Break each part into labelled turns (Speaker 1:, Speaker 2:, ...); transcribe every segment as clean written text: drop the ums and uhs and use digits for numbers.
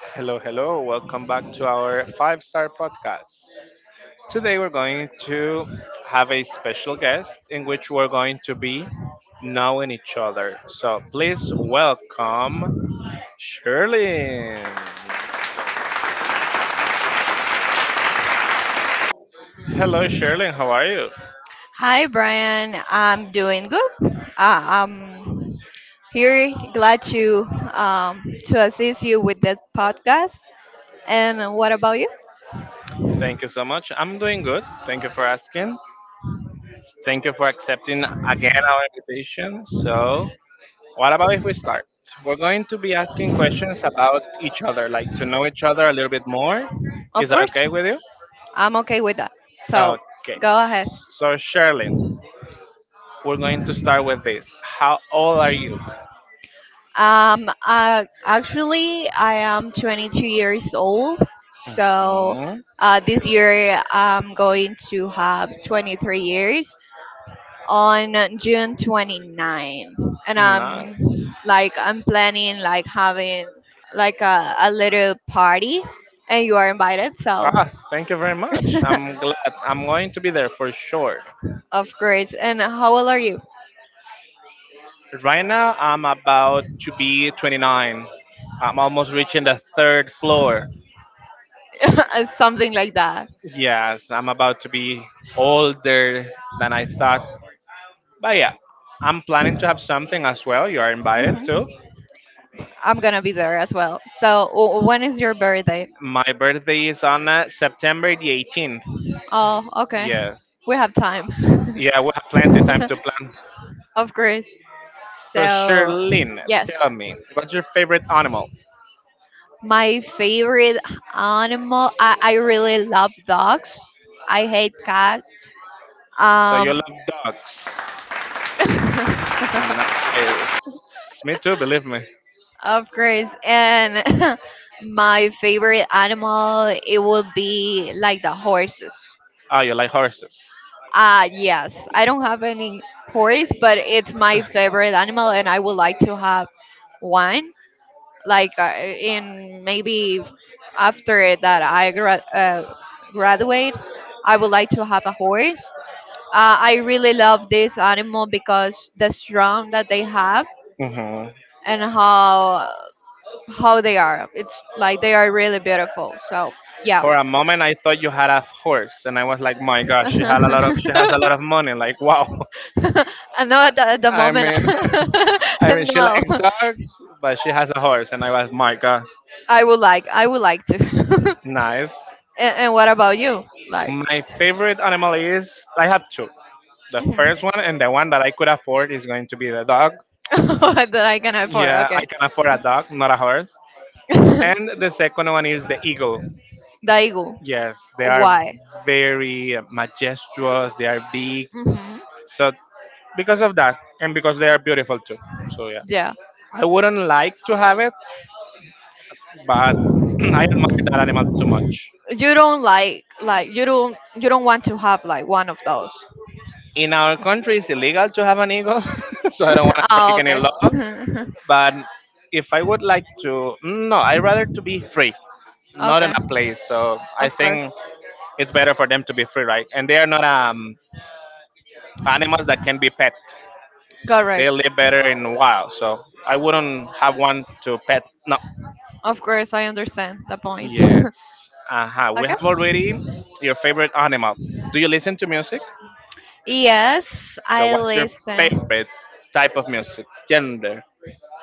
Speaker 1: Hello, hello. Welcome back to our five-star podcast. Today we're going to have a special guest in which we're going to be knowing each other. So please welcome Sherlyn. Hello, Sherlyn. How are you?
Speaker 2: Hi, Brian. I'm doing good. I'm here, glad to assist you with this podcast. And what about you?
Speaker 1: Thank you so much. I'm doing good. Thank you for asking. Thank you for accepting again our invitation. So, what about if we start? We're going to be asking questions about each other, like to know each other a little bit more. Is
Speaker 2: Of
Speaker 1: that
Speaker 2: course,
Speaker 1: okay with you?
Speaker 2: I'm okay with that. So
Speaker 1: Okay.
Speaker 2: go ahead.
Speaker 1: So, Sherlyn, we're going to start with this. How old are you?
Speaker 2: Actually, I am 22 years old. So
Speaker 1: Hmm.
Speaker 2: this year, I'm going to have 23 years on June 29, and
Speaker 1: Nice.
Speaker 2: I'm like I'm planning like having like a little party, and you are invited, so
Speaker 1: Ah, thank you very much. I'm glad. I'm going to be there for sure.
Speaker 2: of course. And how old are you?
Speaker 1: Right now, I'm about to be 29. I'm almost reaching the third floor.
Speaker 2: something like that.
Speaker 1: Yes, I'm about to be older than I thought. But yeah, I'm planning to have something as well. You are invited
Speaker 2: Mhm.
Speaker 1: too.
Speaker 2: I'm gonna be there as well, so when is your birthday?
Speaker 1: My birthday is on September the 18th.
Speaker 2: Oh, okay,
Speaker 1: Yes.
Speaker 2: we have time.
Speaker 1: Yeah, we have plenty time to plan.
Speaker 2: of course,
Speaker 1: So,
Speaker 2: so
Speaker 1: Sherlyn,
Speaker 2: yes.
Speaker 1: tell me, what's your favorite animal?
Speaker 2: My favorite animal. I really love dogs. I hate cats.
Speaker 1: So, you
Speaker 2: Um,
Speaker 1: love dogs. Nice. Me too, believe me.
Speaker 2: of course. And my favorite animal, it would be like the horses.
Speaker 1: Oh, you like horses.
Speaker 2: Yes. I don't have any horse, but it's my favorite animal, and I would like to have one. Like in maybe after that graduate, I would like to have a horse. I really love this animal because the strong that they have,
Speaker 1: Hmm.
Speaker 2: and how they are. It's like they are really beautiful. So yeah.
Speaker 1: For a moment, I thought you had a horse, and I was like, "My gosh, she had a lot of, she has a lot of money." Like, wow.
Speaker 2: I know
Speaker 1: I,
Speaker 2: at the
Speaker 1: I
Speaker 2: moment.
Speaker 1: mean, I mean, she
Speaker 2: no,
Speaker 1: likes dogs, but she has a horse, and I was, my God.
Speaker 2: I would like. I would like to.
Speaker 1: Nice.
Speaker 2: And what about you? Like,
Speaker 1: My favorite animal is I have two. The
Speaker 2: mhm.
Speaker 1: first one and the one that I could afford is going to be the dog.
Speaker 2: that I can afford.
Speaker 1: Yeah, I can afford a dog, not a horse.
Speaker 2: Okay.
Speaker 1: And the second one is the eagle.
Speaker 2: The ego.
Speaker 1: Yes, they are
Speaker 2: Why?
Speaker 1: very majestuous. They are big.
Speaker 2: Hmm.
Speaker 1: So because of that, and because they are beautiful too. So yeah,
Speaker 2: Yeah.
Speaker 1: I wouldn't like to have it, but I admire that animal too much.
Speaker 2: You don't like you don't want to have like one of those.
Speaker 1: In our country, it's illegal to have an eagle so I don't want to break
Speaker 2: oh,
Speaker 1: any
Speaker 2: okay.
Speaker 1: law. But if I would like to no, I rather to be free, not in
Speaker 2: okay.
Speaker 1: a place, so I
Speaker 2: Of course.
Speaker 1: think it's better for them to be free, right? And they are not animals that can be pet.
Speaker 2: Correct.
Speaker 1: They live better in wild, so I wouldn't have one to pet. No.
Speaker 2: Of course, I understand the point.
Speaker 1: Yes.
Speaker 2: okay.
Speaker 1: Uh-huh. We have already your favorite animal. Do you listen to music?
Speaker 2: Yes,
Speaker 1: So
Speaker 2: I
Speaker 1: what's your
Speaker 2: listen.
Speaker 1: favorite type of music, gender,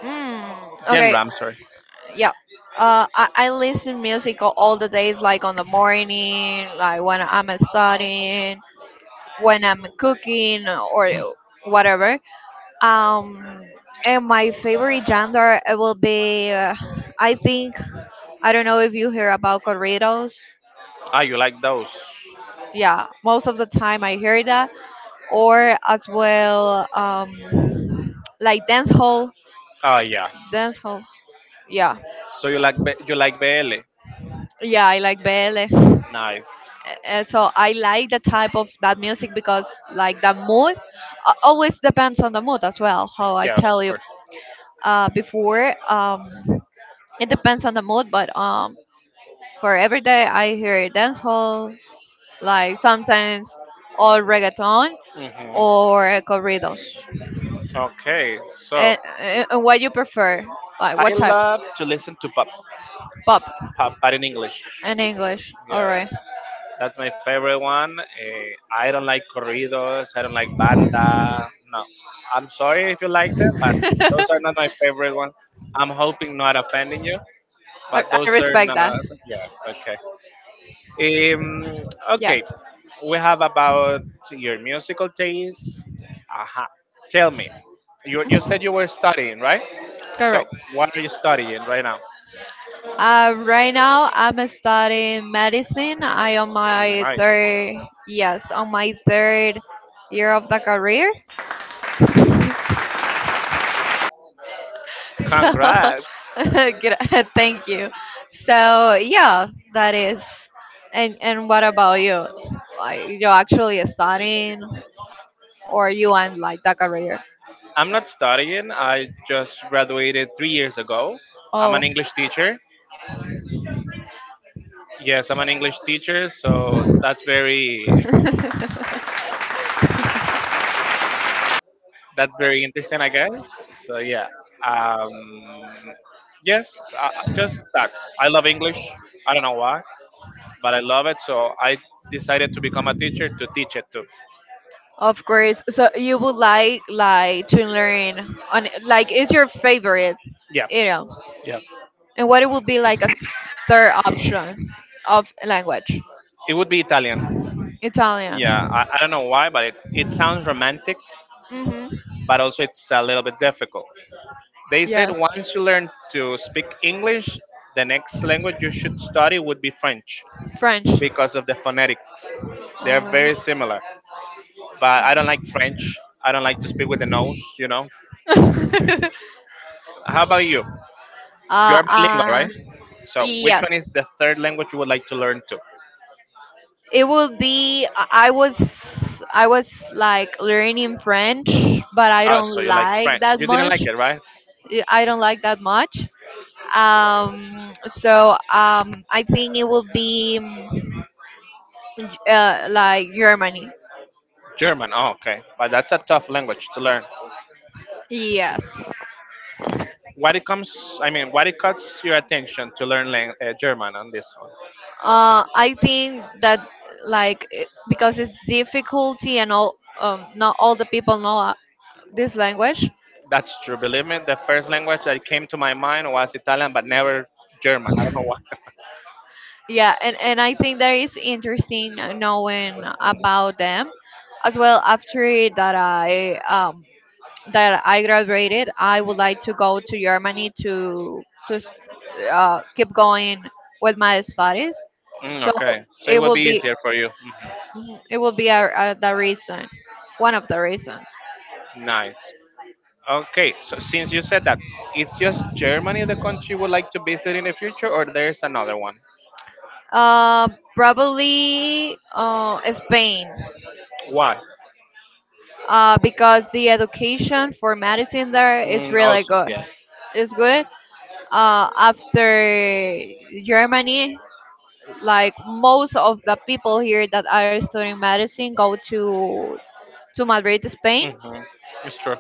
Speaker 2: Mm,
Speaker 1: genre,
Speaker 2: okay,
Speaker 1: I'm sorry?
Speaker 2: yeah. I listen music all the days, like on the morning, like when I'm studying, when I'm cooking, or whatever. um and my favorite genre, it will be I think, I don't know if you hear about corridos.
Speaker 1: Ah, you like those?
Speaker 2: Yeah, most of the time I hear that, or as well like dance hall
Speaker 1: Ah, yes.
Speaker 2: dance hall Yeah.
Speaker 1: So you like BL?
Speaker 2: Yeah, I like BL.
Speaker 1: Nice.
Speaker 2: So I like the type of that music because like the mood always depends on the mood as well. How I
Speaker 1: Yes,
Speaker 2: tell
Speaker 1: of
Speaker 2: you
Speaker 1: course.
Speaker 2: before, it depends on the mood. But for every day I hear dancehall, like sometimes all reggaeton
Speaker 1: Hmm.
Speaker 2: or corridos.
Speaker 1: Okay, so
Speaker 2: And what you prefer, like
Speaker 1: I
Speaker 2: what type?
Speaker 1: love to listen to pop
Speaker 2: Pop
Speaker 1: pop but in English.
Speaker 2: in English. All
Speaker 1: Yeah,
Speaker 2: right.
Speaker 1: that's my favorite one. I don't like corridos. I don't like banda. No, I'm sorry if you like them, but those are not my favorite one. I'm hoping not offending you,
Speaker 2: I,
Speaker 1: but
Speaker 2: I
Speaker 1: those are
Speaker 2: respect that.
Speaker 1: not. Yeah, okay. Um, okay,
Speaker 2: Yes.
Speaker 1: we have about your musical taste. Aha. Tell me, you said you were
Speaker 2: Mhm.
Speaker 1: studying, right? So,
Speaker 2: Correct.
Speaker 1: what are you studying right now?
Speaker 2: Right now I'm studying medicine. I on my
Speaker 1: Nice.
Speaker 2: third, Yes, on my third year of the career. So,
Speaker 1: Congrats.
Speaker 2: good- thank you. So yeah, that is. And what about you? Like, you actually studying, or you want like the career?
Speaker 1: I'm not studying. I just graduated 3 years ago. I'm
Speaker 2: Oh.
Speaker 1: an English teacher. Yes, I'm an English teacher, so that's very that's very interesting, I guess. So yeah, um, yes, just that. I love English. I don't know why, but I love it. So I decided to become a teacher to teach it too.
Speaker 2: Of course. So you would like to learn on like is your favorite,
Speaker 1: Yeah,
Speaker 2: you know,
Speaker 1: yeah.
Speaker 2: and what it would be like a third option of language.
Speaker 1: It would be Italian.
Speaker 2: Italian.
Speaker 1: Yeah, I don't know why, but it sounds romantic,
Speaker 2: Mhm.
Speaker 1: but also it's a little bit difficult. They said
Speaker 2: Yes.
Speaker 1: once you learn to speak English, the next language you should study would be French
Speaker 2: French.
Speaker 1: because of the phonetics. They're
Speaker 2: Oh.
Speaker 1: very similar. But I don't like French. I don't like to speak with the nose. How about you?
Speaker 2: uh,
Speaker 1: You're bilingual,
Speaker 2: uh,
Speaker 1: right? So, which
Speaker 2: yes.
Speaker 1: one is the third language you would like to learn to?
Speaker 2: It would be, I was like learning French, but I
Speaker 1: Oh,
Speaker 2: don't
Speaker 1: so you like
Speaker 2: like
Speaker 1: French.
Speaker 2: that
Speaker 1: You didn't
Speaker 2: much.
Speaker 1: like it,
Speaker 2: I
Speaker 1: right?
Speaker 2: I don't like that much. So, I think it will be, like Germany.
Speaker 1: German. Oh, okay. But that's a tough language to learn.
Speaker 2: Yes.
Speaker 1: I mean, what it cuts your attention to learn German on this one?
Speaker 2: I think that like, because it's difficulty and all, not all the people know this language.
Speaker 1: That's true. Believe me, the first language that came to my mind was Italian, but never German. I don't know why.
Speaker 2: Yeah, and I think that is interesting, knowing about them as well. After that I graduated, I would like to go to Germany to just keep going with my studies. So
Speaker 1: Okay. So it
Speaker 2: it
Speaker 1: would
Speaker 2: will
Speaker 1: be
Speaker 2: be,
Speaker 1: easier for you.
Speaker 2: mhm, it will be the reason, one of the reasons.
Speaker 1: Nice. Okay, so since you said that, it's just Germany the country you would like to visit in the future, or there's another one?
Speaker 2: Uh, Probably Spain,
Speaker 1: Why?
Speaker 2: because the education for medicine there is really
Speaker 1: Also,
Speaker 2: good.
Speaker 1: yeah.
Speaker 2: It's good after Germany, like most of the people here that are studying medicine go to Madrid, Spain,
Speaker 1: Hmm. It's true.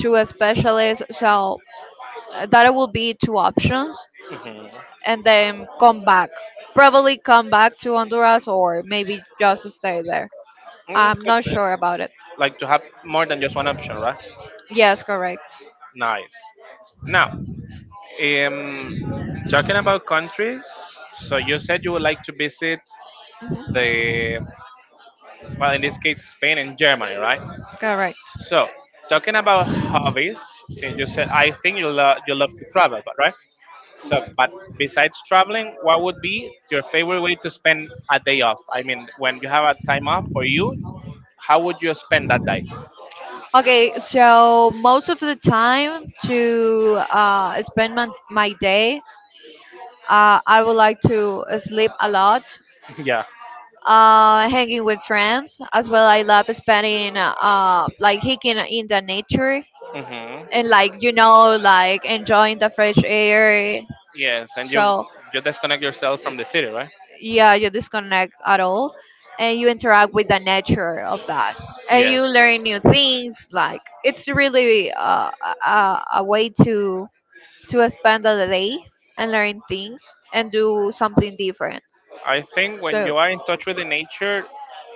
Speaker 2: to a specialist. So that will be two options,
Speaker 1: Hmm.
Speaker 2: and then come back. Probably come back to Honduras or maybe just stay there. I'm
Speaker 1: Could
Speaker 2: not
Speaker 1: be.
Speaker 2: sure about it.
Speaker 1: Like to have more than just one option, right?
Speaker 2: Yes, correct.
Speaker 1: Nice. Now, um, talking about countries, so you said you would like to visit
Speaker 2: Mhm.
Speaker 1: the, well, in this case, Spain and Germany, right?
Speaker 2: Correct.
Speaker 1: So, talking about hobbies, since you said I think you love to travel, but right? So, but besides traveling, what would be your favorite way to spend a day off? I mean, when you have a time off for you, how would you spend that day?
Speaker 2: Okay, so most of the time to spend my day, I would like to sleep a lot,
Speaker 1: Yeah.
Speaker 2: hanging with friends as well. I love spending like hiking in the nature,
Speaker 1: Hmm.
Speaker 2: and like enjoying the fresh air.
Speaker 1: Yes, and you
Speaker 2: So
Speaker 1: you disconnect yourself from the city, right?
Speaker 2: yeah, you disconnect at all, and you interact with the nature of that, and you
Speaker 1: Yes,
Speaker 2: learn new things. Like it's really a way to spend the day, and learn things, and do something different.
Speaker 1: I think when
Speaker 2: So
Speaker 1: you are in touch with the nature,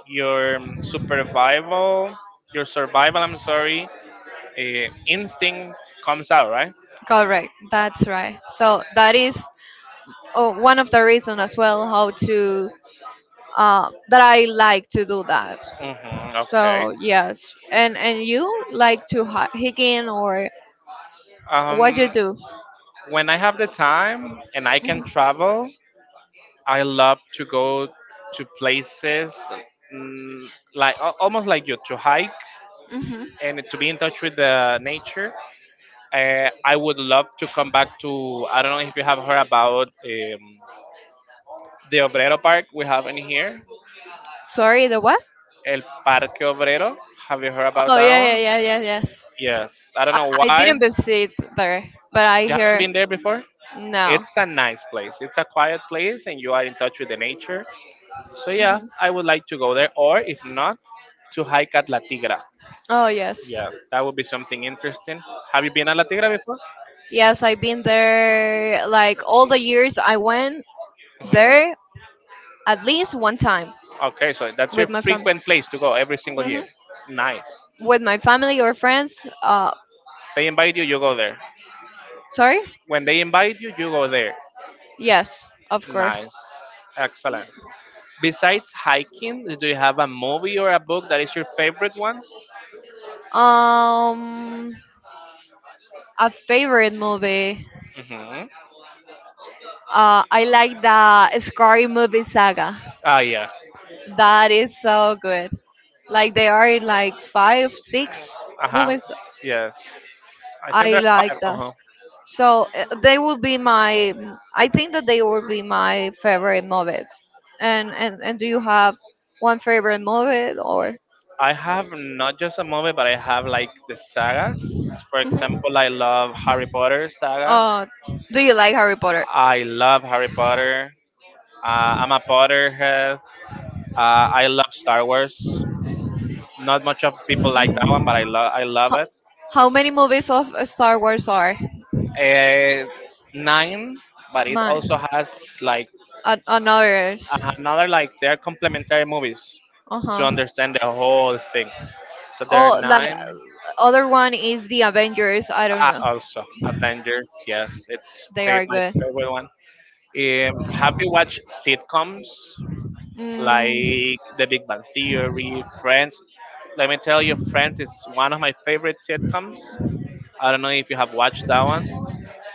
Speaker 1: your survival, your survival, I'm sorry, instinct comes out, right?
Speaker 2: correct, that's right. So that is, oh, one of the reasons as well how to, that I like to do that.
Speaker 1: Hmm.
Speaker 2: So
Speaker 1: Okay.
Speaker 2: yes, and you like to hiking or what you
Speaker 1: Um,
Speaker 2: do?
Speaker 1: when I have the time and I
Speaker 2: Mhm.
Speaker 1: can travel, I love to go to places mm, like almost like you to hike
Speaker 2: Mhm.
Speaker 1: and to be in touch with the nature. I would love to come back to. I don't know if you have heard about the Obrero Park we have in here,
Speaker 2: Sorry, the what?
Speaker 1: El Parque Obrero. Have you heard about
Speaker 2: Oh
Speaker 1: that
Speaker 2: yeah, yeah,
Speaker 1: one?
Speaker 2: yeah, yeah, yes.
Speaker 1: Yes. I don't know
Speaker 2: I
Speaker 1: why.
Speaker 2: didn't visit there, but I
Speaker 1: You haven't
Speaker 2: hear.
Speaker 1: been there before.
Speaker 2: No.
Speaker 1: It's a nice place. It's a quiet place, and you are in touch with the nature. So yeah,
Speaker 2: Mhm.
Speaker 1: I would like to go there. Or if not, to hike at La Tigra.
Speaker 2: Oh yes,
Speaker 1: Yeah, that would be something interesting. Have you been a La Tigra before?
Speaker 2: yes, I've been there. Like all the years I went
Speaker 1: Hmm.
Speaker 2: there, at least one time
Speaker 1: Okay, so that's your
Speaker 2: with my family.
Speaker 1: frequent place to go every single
Speaker 2: Hmm.
Speaker 1: year. Nice.
Speaker 2: With my family or friends.
Speaker 1: They invite you, you go there.
Speaker 2: Sorry.
Speaker 1: When they invite you, you go there.
Speaker 2: Yes, of course.
Speaker 1: Nice. Excellent. Besides hiking, do you have a movie or a book that is your favorite one?
Speaker 2: Um, a favorite movie.
Speaker 1: Mm-hmm.
Speaker 2: I like the Scary Movie Saga.
Speaker 1: Ah, yeah.
Speaker 2: That is so good. Like they are in like five, six
Speaker 1: Uh huh.
Speaker 2: movies.
Speaker 1: Yeah. I think
Speaker 2: I
Speaker 1: there are
Speaker 2: like
Speaker 1: five. Uh
Speaker 2: that.
Speaker 1: huh.
Speaker 2: So they will be my. I think that they will be my favorite movies. And do you have one favorite movie or?
Speaker 1: I have not just a movie, but I have like the sagas. For
Speaker 2: Mhm.
Speaker 1: example, I love Harry Potter saga.
Speaker 2: Uh, do you like Harry Potter?
Speaker 1: I love Harry Potter. I'm a Potterhead. Uh, I love Star Wars. Not much of people like that one, but
Speaker 2: Mhm.
Speaker 1: I love it.
Speaker 2: How many movies of Star Wars are?
Speaker 1: Uh, nine, but it
Speaker 2: No.
Speaker 1: also has like
Speaker 2: I know it.
Speaker 1: another like they're complementary movies
Speaker 2: Uh
Speaker 1: to
Speaker 2: huh.
Speaker 1: understand the whole thing. So there are
Speaker 2: Oh, like
Speaker 1: nine.
Speaker 2: other one is the Avengers. I don't know.
Speaker 1: Also Avengers. Yes, it's
Speaker 2: They are
Speaker 1: my
Speaker 2: good.
Speaker 1: favorite one. Have you watched sitcoms
Speaker 2: Mm,
Speaker 1: like The Big Bang Theory, Friends? Let me tell you, Friends is one of my favorite sitcoms. I don't know if you have watched that one.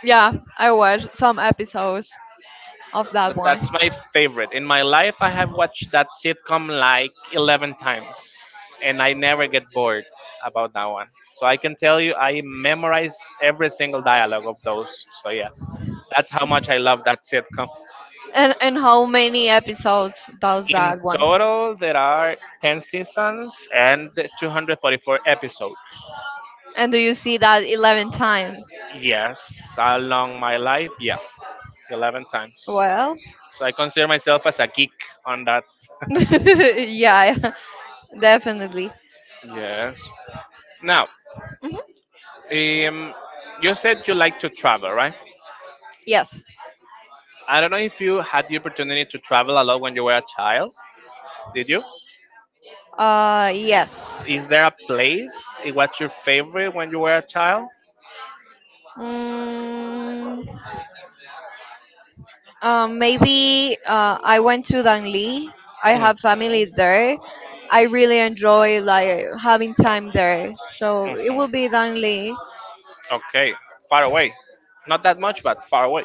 Speaker 2: yeah, I watched some episodes of that
Speaker 1: But
Speaker 2: one.
Speaker 1: that's my favorite. In my life, I have watched that sitcom like 11 times, and I never get bored about that one. So I can tell you, I memorize every single dialogue of those. So yeah, that's how much I love that sitcom.
Speaker 2: And how many episodes does
Speaker 1: In
Speaker 2: that one?
Speaker 1: total, there are 10 seasons and 244 episodes.
Speaker 2: And do you see that 11 times?
Speaker 1: Yes, along my life, yeah, 11 times.
Speaker 2: Well,
Speaker 1: So I consider myself as a geek on that.
Speaker 2: yeah, definitely.
Speaker 1: Yes. Now,
Speaker 2: Hmm.
Speaker 1: um, you said you like to travel, right?
Speaker 2: Yes.
Speaker 1: I don't know if you had the opportunity to travel a lot when you were a child. Did you?
Speaker 2: Yes.
Speaker 1: Is there a place? What's your favorite when you were a child?
Speaker 2: Mm, Maybe I went to Dangli. I have
Speaker 1: Hmm.
Speaker 2: family there. I really enjoy like having time there. So it will
Speaker 1: Hmm.
Speaker 2: be Dangli.
Speaker 1: Okay, far away. Not that much, but far away.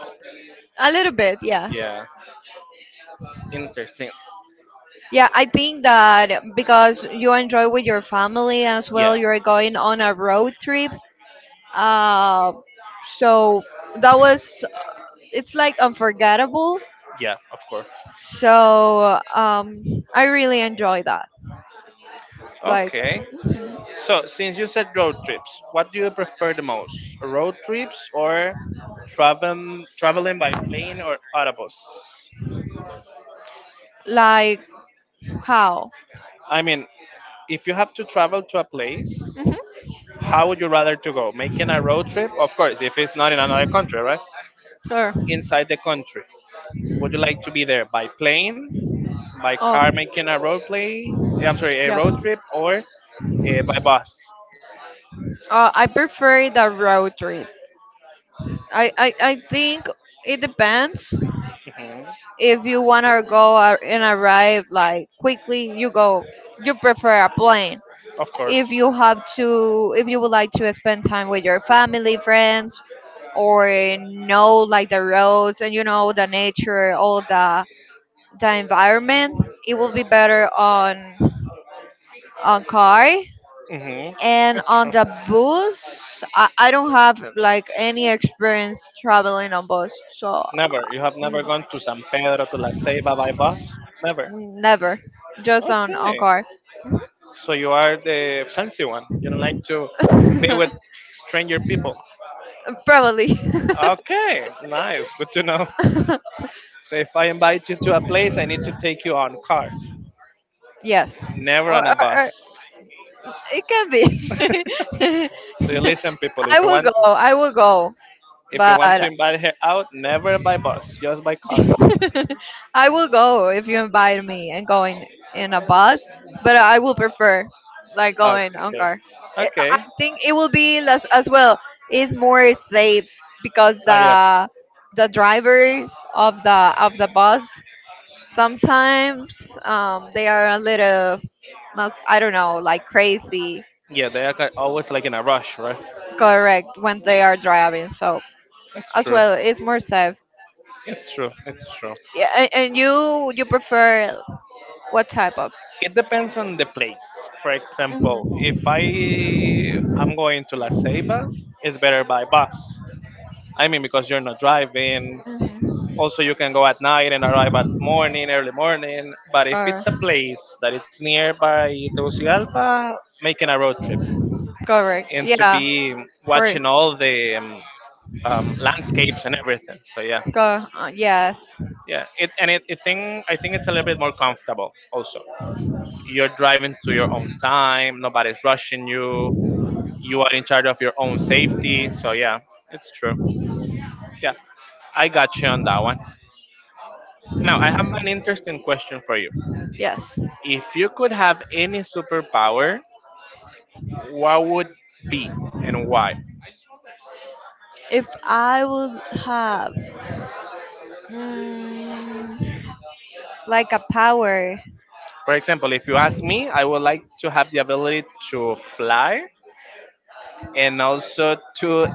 Speaker 2: A little bit, yes.
Speaker 1: Yeah, interesting.
Speaker 2: Yeah, I think that because you enjoy with your family as well,
Speaker 1: Yeah,
Speaker 2: you're going on a road trip. Uh, so that was, it's like unforgettable.
Speaker 1: yeah, of course.
Speaker 2: So I really enjoy that. Like,
Speaker 1: Okay.
Speaker 2: mhm.
Speaker 1: So, since you said road trips, what do you prefer the most? Road trips or traveling by plane or autobus?
Speaker 2: Like, how?
Speaker 1: I mean, if you have to travel to a place,
Speaker 2: Hmm.
Speaker 1: how would you rather to go? Making a road trip? Of course, if it's not in another country, right?
Speaker 2: Sure.
Speaker 1: Inside the country. Would you like to be there by plane, by
Speaker 2: Oh.
Speaker 1: car making a road play? I'm sorry, a
Speaker 2: Yep.
Speaker 1: road trip or by bus?
Speaker 2: I prefer the road trip. I think it depends. If you want to go, and arrive like quickly, you go. You prefer a plane.
Speaker 1: Of course.
Speaker 2: If you have to, if you would like to spend time with your family, friends, or know like the roads, and you know the nature, all the environment, it will be better on car.
Speaker 1: Mm-hmm.
Speaker 2: And
Speaker 1: That's
Speaker 2: on
Speaker 1: true.
Speaker 2: the bus, I don't have like any experience traveling on bus, so
Speaker 1: Never. You have never
Speaker 2: mm,
Speaker 1: gone to San Pedro to La Ceiba by bus? Never.
Speaker 2: never, just on
Speaker 1: Okay.
Speaker 2: car.
Speaker 1: So you are the fancy one. You don't like to be with stranger people.
Speaker 2: probably.
Speaker 1: Okay. Nice. Good to know. So if I invite you to a place, I need to take you on car,
Speaker 2: yes,
Speaker 1: never on
Speaker 2: or, or,
Speaker 1: a
Speaker 2: or
Speaker 1: bus.
Speaker 2: it can be.
Speaker 1: So you listen, people.
Speaker 2: I will go. I will go,
Speaker 1: If you
Speaker 2: but
Speaker 1: want to invite her out, never by bus, just by car.
Speaker 2: I will go if you invite me and going in a bus, but I will prefer like going on
Speaker 1: Okay.
Speaker 2: car. I
Speaker 1: Okay.
Speaker 2: I think it will be less as well. It's more safe because
Speaker 1: Oh yeah.
Speaker 2: the drivers of the bus sometimes, they are a little, I don't know, like crazy.
Speaker 1: Yeah, they are always like in a rush, right?
Speaker 2: Correct when they are driving. So
Speaker 1: It's
Speaker 2: as
Speaker 1: true.
Speaker 2: well, it's more safe.
Speaker 1: It's true. It's true.
Speaker 2: Yeah, and you prefer. What type of?
Speaker 1: It depends on the place. For
Speaker 2: Hmm.
Speaker 1: example, if I
Speaker 2: Hmm.
Speaker 1: am going to La Ceiba, it's better by bus. I mean, because you're not driving. Also, you can go at night and arrive at morning, early morning. But if
Speaker 2: Or
Speaker 1: it's a place that it's nearby Tegucigalpa, making a road trip
Speaker 2: correct,
Speaker 1: and to
Speaker 2: yeah,
Speaker 1: be
Speaker 2: for
Speaker 1: watching all the landscapes and everything. So yeah,
Speaker 2: go, yes.
Speaker 1: yeah. It and it, it think I think it's a little bit more comfortable also. You're driving to your own time, nobody's rushing you, you are in charge of your own safety. So yeah, it's true. Yeah, I got you on that one. Now I have an interesting question for you.
Speaker 2: Yes.
Speaker 1: If you could have any superpower, what would be and why?
Speaker 2: If I would have, mm, like a power.
Speaker 1: For example, if you ask me, I would like to have the ability to fly and also to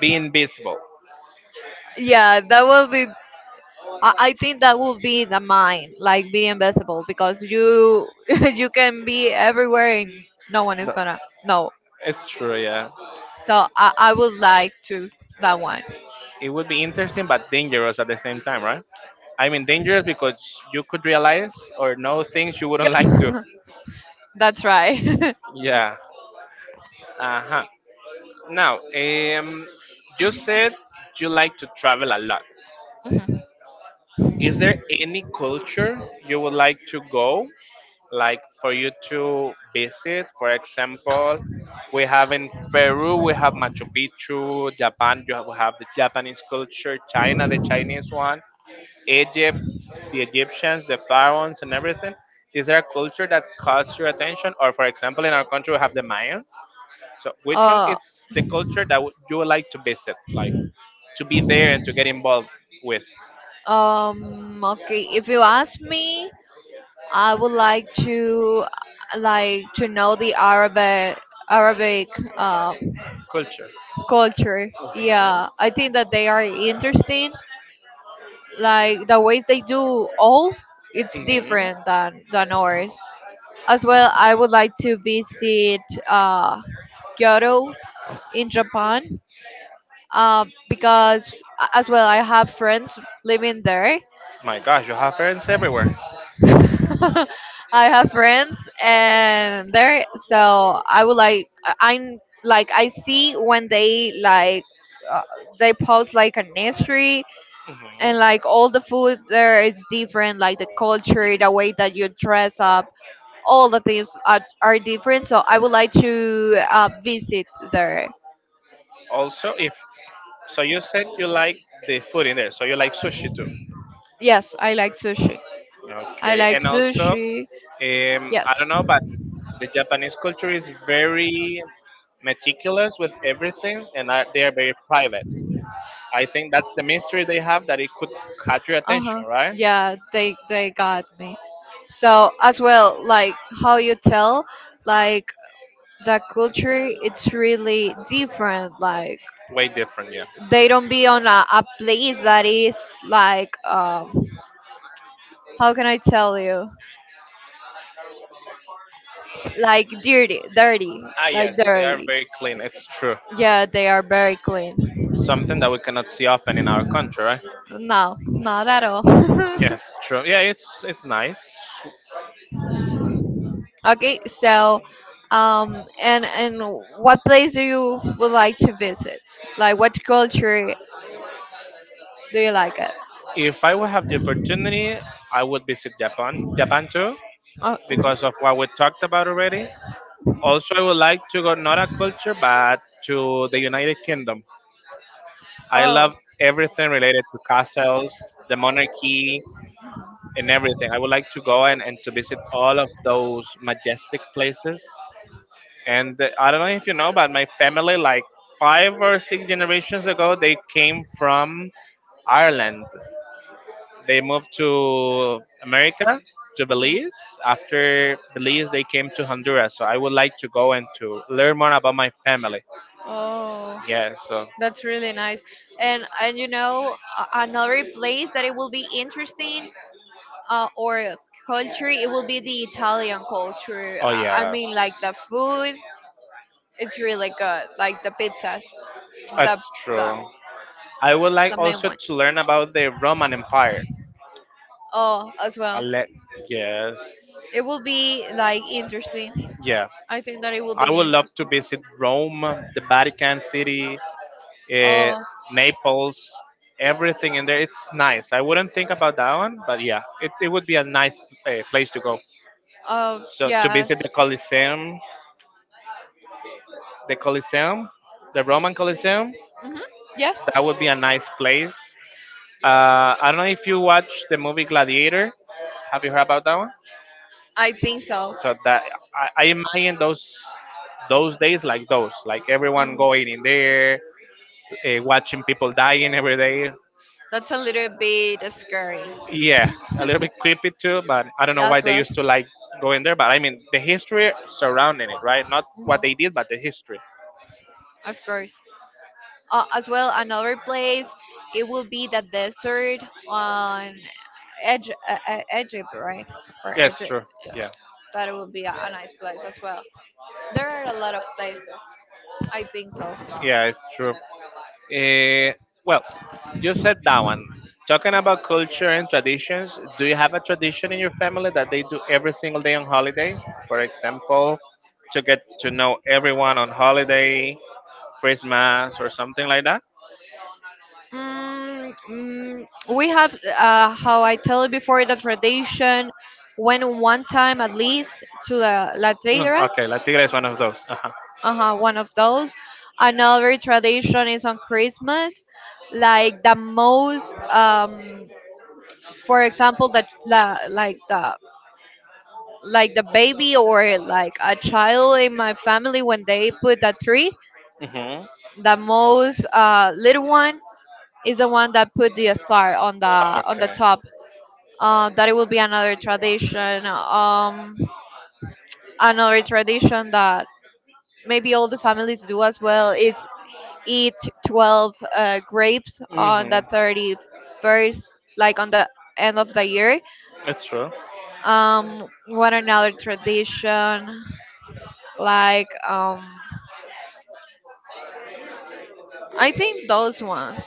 Speaker 1: be invisible.
Speaker 2: Yeah, that would be. I think that would be the mind, like be invisible, because you, you can be everywhere and no one
Speaker 1: No,
Speaker 2: is gonna know.
Speaker 1: it's true, yeah.
Speaker 2: So I would like to that one.
Speaker 1: It would be interesting but dangerous at the same time, right? I mean, dangerous because you could realize or know things you wouldn't like to.
Speaker 2: That's right.
Speaker 1: Yeah, uh-huh. Now, you said you like to travel a lot. Is there any culture you would like to go, like for you to visit? For example, we have in Peru, we have Machu Picchu, Japan, you have, we have the Japanese culture, China, the Chinese one. Egypt, the Egyptians, the pharaohs, and everything? Is there a culture that caught your attention? Or,
Speaker 2: Mhm.
Speaker 1: for example, in our country, we have the Mayans. So, which one
Speaker 2: Uh,
Speaker 1: is the culture that would- you would like to visit, like to be there and to get involved with
Speaker 2: okay. If you ask me, I would like to know the Arabic uh,
Speaker 1: culture?
Speaker 2: culture.
Speaker 1: Mhm.
Speaker 2: Yeah, I think that they are interesting. Like the ways they do all, it's
Speaker 1: hmm
Speaker 2: different than ours. As well, I would like to visit uh, Kyoto in Japan. Because as well, I have friends living there.
Speaker 1: My gosh, you have friends everywhere.
Speaker 2: I have friends and there, so I would like, I'm like I see when they like, uh, they post like an history,
Speaker 1: Mhm.
Speaker 2: and like all the food there is different, like the culture, the way that you dress up, all the things are different, so I would like to visit there.
Speaker 1: Also, if so, you said you like the food in there, so you like sushi too.
Speaker 2: Yes, I like sushi. I
Speaker 1: Okay,
Speaker 2: like
Speaker 1: and also,
Speaker 2: sushi. Yes.
Speaker 1: I don't know, but the Japanese culture is very meticulous with everything, and they are very private. I think that's the mystery they have that it could catch your
Speaker 2: Uh huh.
Speaker 1: attention, right?
Speaker 2: Yeah, they got me. So as well, like how you tell, like the culture, it's really different. Like
Speaker 1: Way different, yeah.
Speaker 2: they don't be on a place that is like, how can I tell you, like dirty, dirty, ah,
Speaker 1: Ah,
Speaker 2: like
Speaker 1: yes, they are
Speaker 2: dirty.
Speaker 1: very clean. It's true.
Speaker 2: Yeah, they are very clean.
Speaker 1: Something that we cannot see often in our country, right?
Speaker 2: No, not at all.
Speaker 1: Yes, true. Yeah, it's nice.
Speaker 2: Okay, so and what place do you would like to visit? Like what culture do you like it?
Speaker 1: If I would have the opportunity, I would visit Japan, Japan too,
Speaker 2: Oh, mhm.
Speaker 1: because of what we talked about already. Also, I would like to go not a culture, but to the United Kingdom. I
Speaker 2: Oh,
Speaker 1: love everything related to castles, the monarchy, and everything. I would like to go and to visit all of those majestic places. And I don't know if you know, but my family, like five or six generations ago, they came from Ireland. They moved to America, to Belize. After Belize, they came to Honduras. So I would like to go and to learn more about my family.
Speaker 2: oh.
Speaker 1: Yes. So,
Speaker 2: That's really nice. And you know, another place that it will be interesting, or culture, it will be the Italian culture.
Speaker 1: oh,
Speaker 2: I
Speaker 1: yes.
Speaker 2: mean like the food, it's really good. Like the pizzas, the
Speaker 1: That's
Speaker 2: the
Speaker 1: true. I would
Speaker 2: the
Speaker 1: like
Speaker 2: main
Speaker 1: also
Speaker 2: one.
Speaker 1: to learn about the Roman Empire.
Speaker 2: Oh, as
Speaker 1: I
Speaker 2: well.
Speaker 1: let,
Speaker 2: It
Speaker 1: yes.
Speaker 2: will be like interesting.
Speaker 1: Yeah.
Speaker 2: I think that it will be
Speaker 1: I would love
Speaker 2: interesting.
Speaker 1: to visit Rome, the Vatican City, eh,
Speaker 2: Oh,
Speaker 1: Naples, everything in there. It's nice. I wouldn't think about that one, but yeah, it would be a nice place to go. So to
Speaker 2: yeah.
Speaker 1: visit the Colosseum, the Colosseum, the Roman Colosseum,
Speaker 2: Hmm. Yes,
Speaker 1: that would be a nice place. I don't know if you watch the movie Gladiator. Have you heard about that one?
Speaker 2: I think so.
Speaker 1: So that I imagine those days like those, like everyone
Speaker 2: Mhm.
Speaker 1: going in there, watching people dying every day.
Speaker 2: That's a little bit scary.
Speaker 1: Yeah, a little bit creepy too, but I don't know
Speaker 2: Yeah,
Speaker 1: why
Speaker 2: as
Speaker 1: they
Speaker 2: well.
Speaker 1: used to like go in there. But I mean, the history surrounding it, right? Not what they
Speaker 2: Mhm.
Speaker 1: did, but the history.
Speaker 2: Of course. As well, another place, it will be the desert on edge egypt, right? Or
Speaker 1: Yeah, it's
Speaker 2: egypt,
Speaker 1: true. Yeah,
Speaker 2: that will be a nice place as well. There are a lot of places, I think so.
Speaker 1: yeah, it's true. Eh, well, you said that one. Talking about culture and traditions, do you have a tradition in your family that they do every single day on holiday? For example, to get to know everyone on holiday, Christmas, or something like that?
Speaker 2: We have, how I told you before, the tradition. Went one time at least to the la
Speaker 1: Mm,
Speaker 2: Triguera,
Speaker 1: okay, La Tigre is one of those. Uh-huh.
Speaker 2: uh-huh, one of those. Another tradition is on christmas, like the most for example that la, like the, like the baby or like a child in my family when they put the tree,
Speaker 1: hmm
Speaker 2: the most little one is the one that put the star on the
Speaker 1: Okay.
Speaker 2: top. That it will be another tradition. Another tradition that maybe all the families do as well is eat 12 grapes on the
Speaker 1: hmm
Speaker 2: 31st, like on the end of the year.
Speaker 1: It's true.
Speaker 2: What another tradition? Like, I think those ones.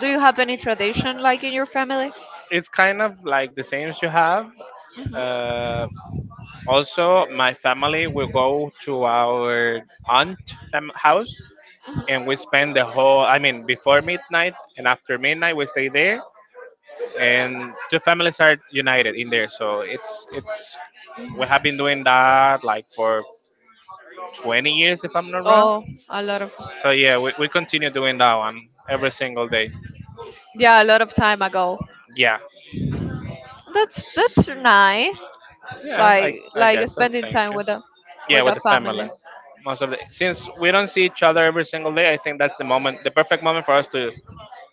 Speaker 2: Do you have any tradition like in your family?
Speaker 1: It's kind of like the same as you have.
Speaker 2: Hmm.
Speaker 1: Uh, also, my family will go to our aunt house, and we
Speaker 2: Hmm.
Speaker 1: spend the whole, I mean, before midnight and after midnight we stay there, and two families are united in there, so it's,
Speaker 2: Hmm.
Speaker 1: we have been doing that like for 20 years if I'm not wrong.
Speaker 2: Oh, a lot of.
Speaker 1: So yeah, we continue doing that one every single day.
Speaker 2: Yeah, a lot of time ago.
Speaker 1: Yeah,
Speaker 2: That's nice.
Speaker 1: yeah,
Speaker 2: Like
Speaker 1: I
Speaker 2: like
Speaker 1: guess so,
Speaker 2: spending
Speaker 1: thank
Speaker 2: time
Speaker 1: you.
Speaker 2: with the,
Speaker 1: Yeah,
Speaker 2: with
Speaker 1: with
Speaker 2: the
Speaker 1: the
Speaker 2: family.
Speaker 1: family, most of the, since we don't see each other every single day, I think that's the moment, the perfect moment, for us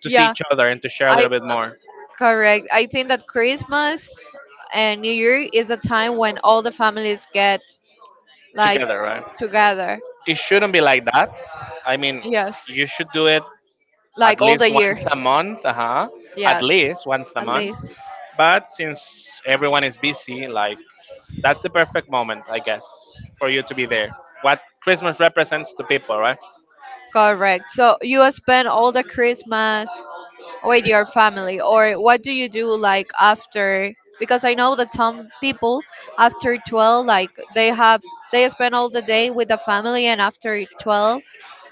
Speaker 1: to see
Speaker 2: Yeah,
Speaker 1: each other and to share a
Speaker 2: i,
Speaker 1: little bit more
Speaker 2: correct, I think that christmas and new year is a time when all the families get, like,
Speaker 1: together, right?
Speaker 2: together.
Speaker 1: It shouldn't be like that. I mean,
Speaker 2: Yes,
Speaker 1: you should do it at
Speaker 2: like all the
Speaker 1: least
Speaker 2: year.
Speaker 1: once a month, uh-huh. At
Speaker 2: Yes,
Speaker 1: least once a
Speaker 2: at
Speaker 1: month.
Speaker 2: least.
Speaker 1: But since everyone is busy, like, that's the perfect moment, I guess, for you to be there. What Christmas represents to people, right?
Speaker 2: Correct, so you spend all the christmas with your family, or what do you do like after? Because I know that some people after 12, like they have, they spend all the day with the family, and after 12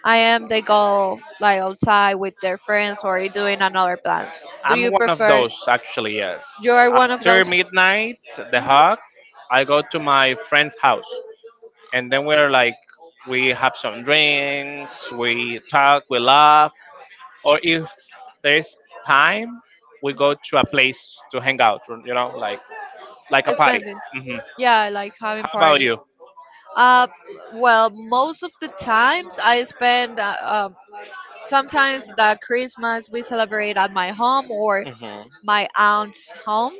Speaker 2: I am they go like outside with their friends or doing another plans. Do
Speaker 1: I'm
Speaker 2: you
Speaker 1: one of
Speaker 2: prefer?
Speaker 1: those, actually, yes.
Speaker 2: You are one of
Speaker 1: After
Speaker 2: those.
Speaker 1: midnight, the hug,
Speaker 2: Mhm.
Speaker 1: I go to my friend's house. And then we're like, we have some drinks, we talk, we laugh. Or if there's time, we go to a place to hang out. You know, like a party.
Speaker 2: Spending.
Speaker 1: Hmm
Speaker 2: Yeah, I like having
Speaker 1: How about
Speaker 2: party.
Speaker 1: you?
Speaker 2: uh well, most of the times I spend, sometimes the christmas we celebrate at my home or
Speaker 1: Hmm
Speaker 2: my aunt's home.